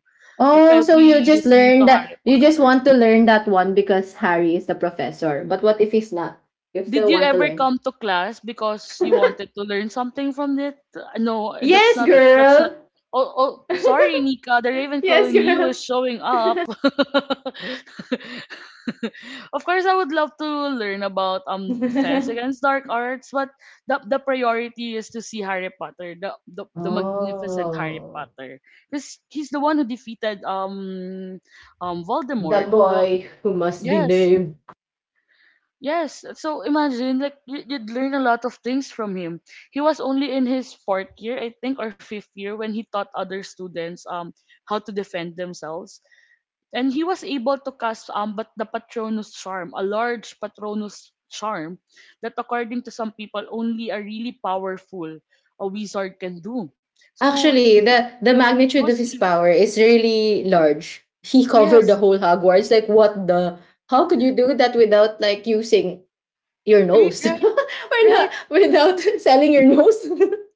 A: Like
B: Oh,
A: I'll
B: so you
A: be
B: just
A: listening
B: learn
A: to Harry
B: that you just
A: Potter.
B: want to learn that one because Harry is the professor. But what if he's not? You
A: Did
B: still
A: you
B: want to
A: ever
B: learn.
A: come to class because you wanted to learn something from it? Uh, No, that's
B: yes,
A: not that's not
B: girl.
A: oh, oh, sorry, Nika. The
B: yes,
A: Ravenclaw in you
B: girl.
A: is showing up. Of course, I would love to learn about um defense against dark arts, but the the priority is to see Harry Potter, the the, the magnificent Harry
B: oh,
A: Potter, because he's the one who defeated um um
B: the
A: Voldemort. The
B: boy who must be
A: yes,
B: named.
A: yes, so imagine like you- you'd learn a lot of things from him. He was only in his fourth year, I think, or fifth year when he taught other students um how to defend themselves, and he was able to cast um but the Patronus charm, a large Patronus charm that, according to some people, only a really powerful, a wizard can do. So
B: Actually,
A: he
B: the the
A: he
B: magnitude
A: was
B: of his power is really large. He covered the
A: yes,
B: whole Hogwarts. Like, what the? How could you do that without like using your
A: right,
B: nose?
A: right,
B: Or not
A: right.
B: without selling your nose?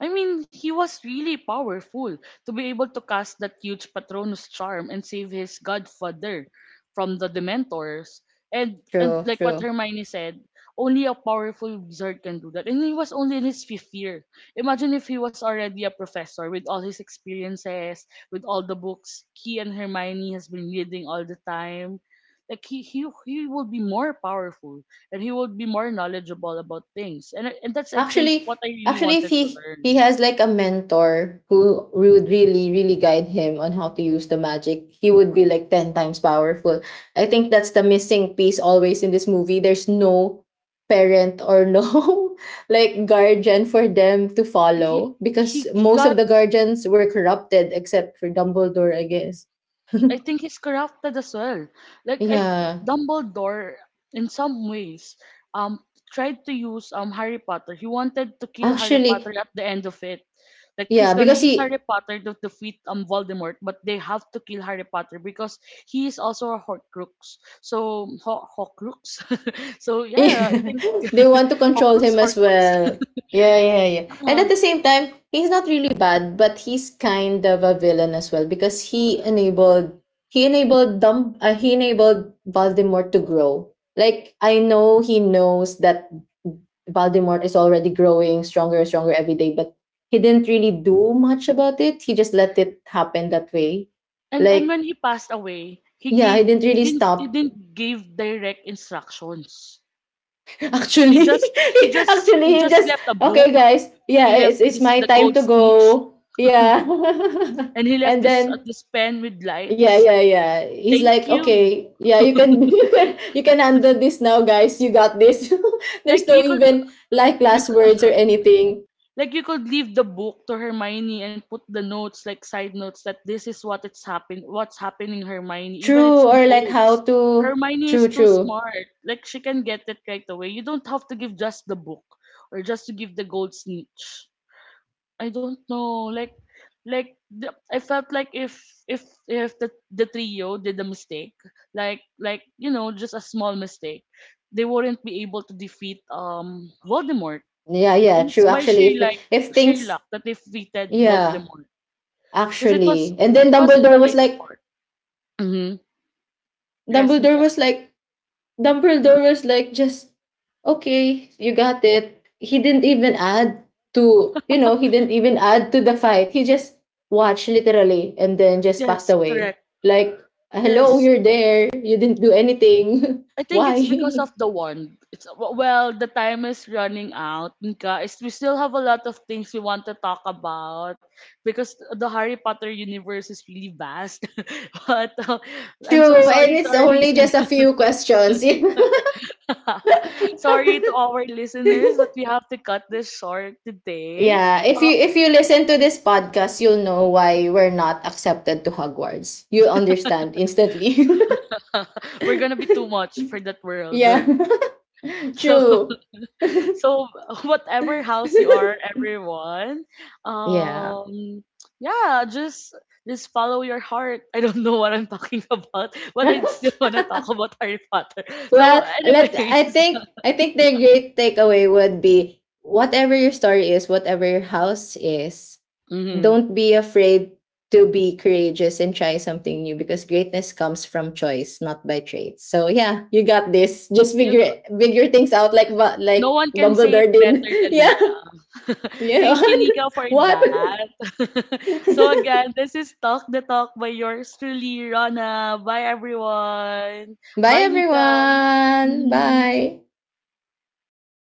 A: I mean, he was really powerful to be able to cast that huge Patronus charm and save his godfather from the Dementors. And and
B: True,
A: like what
B: true.
A: Hermione said, only a powerful wizard can do that. And he was only in his fifth year. Imagine if he was already a professor with all his experiences, with all the books he and Hermione has been reading all the time. Like he he he would be more powerful, and he would be more knowledgeable about things. And I- and that's I think
B: Actually,
A: what I really
B: actually, if
A: wanted to
B: he he
A: learn.
B: has like a mentor who would really, really guide him on how to use the magic, he would be like ten times powerful. I think that's the missing piece always in this movie. There's no parent or no like guardian for them to
A: He
B: follow because
A: he he
B: most
A: got,
B: of the guardians were corrupted except for Dumbledore, I guess.
A: I think he's corrupted as well. Like I,
B: Yeah.
A: Dumbledore in some ways um tried to use um Harry Potter. He wanted to kill Harry Potter
B: Actually,
A: at the end of it. Like he's
B: yeah,
A: gonna
B: because
A: use Harry
B: he
A: Potter to defeat um Voldemort, but they have to kill Harry Potter because he is also a Horcrux. So Ho- Horcrux. So yeah, I
B: Yeah.
A: think
B: They want to control
A: Horcrux,
B: him as
A: Horcrux.
B: well. Yeah, yeah, yeah. And
A: Yeah.
B: at the same time, he's not really bad, but he's kind of a villain as well because he enabled he enabled Dum uh, he enabled Voldemort to grow. Like I know he knows that Voldemort is already growing stronger and stronger every day, but he didn't really do much about it. He just let it happen that way.
A: And and
B: Like
A: when he passed away, he
B: yeah, he
A: gave,
B: didn't
A: he
B: really
A: didn't he
B: stop
A: didn't give direct instructions. He
B: Actually,
A: just he just
B: actually,
A: he
B: he
A: just
B: just
A: left a
B: okay,
A: book.
B: guys.
A: He
B: Yeah,
A: left
B: it's it's
A: this
B: my
A: the
B: time
A: gold
B: to
A: snitch,
B: go. Yeah,
A: and he left
B: and
A: this uh,
B: then
A: this pen with
B: yeah,
A: lights.
B: yeah, yeah. He's
A: Thank
B: like,
A: you.
B: okay, yeah, you can you can you can handle this now, guys. You got this.
A: Like
B: There's
A: you
B: no
A: could
B: even like
A: you
B: last
A: could,
B: words or anything.
A: Like you could leave the book to Hermione and put the notes, like side notes, that this is what it's happen, what's happening, Hermione. Even it's
B: True
A: in
B: or like how
A: codes.
B: to
A: Hermione is
B: true,
A: too
B: true.
A: smart. Like she can get it right away. You don't have to give just the book or just to give the gold snitch. I don't know. Like, like the, I felt like if if if the the trio did a mistake, like like you know, just a small mistake, they wouldn't be able to defeat um Voldemort,
B: Yeah, yeah,
A: and it's
B: true.
A: by
B: Actually,
A: sheer like
B: if if
A: sheer
B: things
A: luck that they defeated
B: yeah,
A: Voldemort. Because it was
B: actually, and then
A: it was in the
B: Dumbledore was
A: later
B: like,
A: part. Hmm.
B: Dumbledore
A: Resnica.
B: was like Dumbledore was like just okay, you got it. He didn't even add to you know, he didn't even add to the fight. He just watched literally and then just passed
A: Yes,
B: away.
A: correct.
B: Like, hello,
A: Yes.
B: you're there. You didn't do anything.
A: I think
B: Why?
A: it's because of the wand. It's, well, the time is running out. Nika, is, we still have a lot of things we want to talk about because the Harry Potter universe is really vast. But uh, I'm
B: True,
A: so
B: and
A: sorry to
B: it's
A: our
B: only
A: listen,
B: just a few questions.
A: sorry to our listeners, but we have to cut this short today.
B: yeah, if
A: Uh,
B: you if you listen to this podcast, you'll know why we're not accepted to Hogwarts. You'll understand instantly.
A: We're gonna be too much for that world.
B: Yeah,
A: So
B: true.
A: so whatever house you are, everyone,
B: Yeah.
A: um yeah, just just follow your heart. I don't know what I'm talking about, but I still wanna talk about Harry Potter. So
B: well, let
A: anyways,
B: I think I think the great takeaway would be whatever your story is, whatever your house is,
A: hmm,
B: don't be afraid to be courageous and try something new because greatness comes from choice, not by traits. So yeah, you got this. Just
A: you,
B: figure figure things out like but
A: no
B: like
A: one can say it
B: Dumbledore did.
A: better than
B: yeah.
A: Nika.
B: Yeah.
A: Thank you, Nika, for
B: what?
A: that. So again, this is Talk the Talk by yours truly, Rana. Bye, everyone.
B: Bye
A: Bye, Nika.
B: everyone.
A: Mhm.
B: Bye.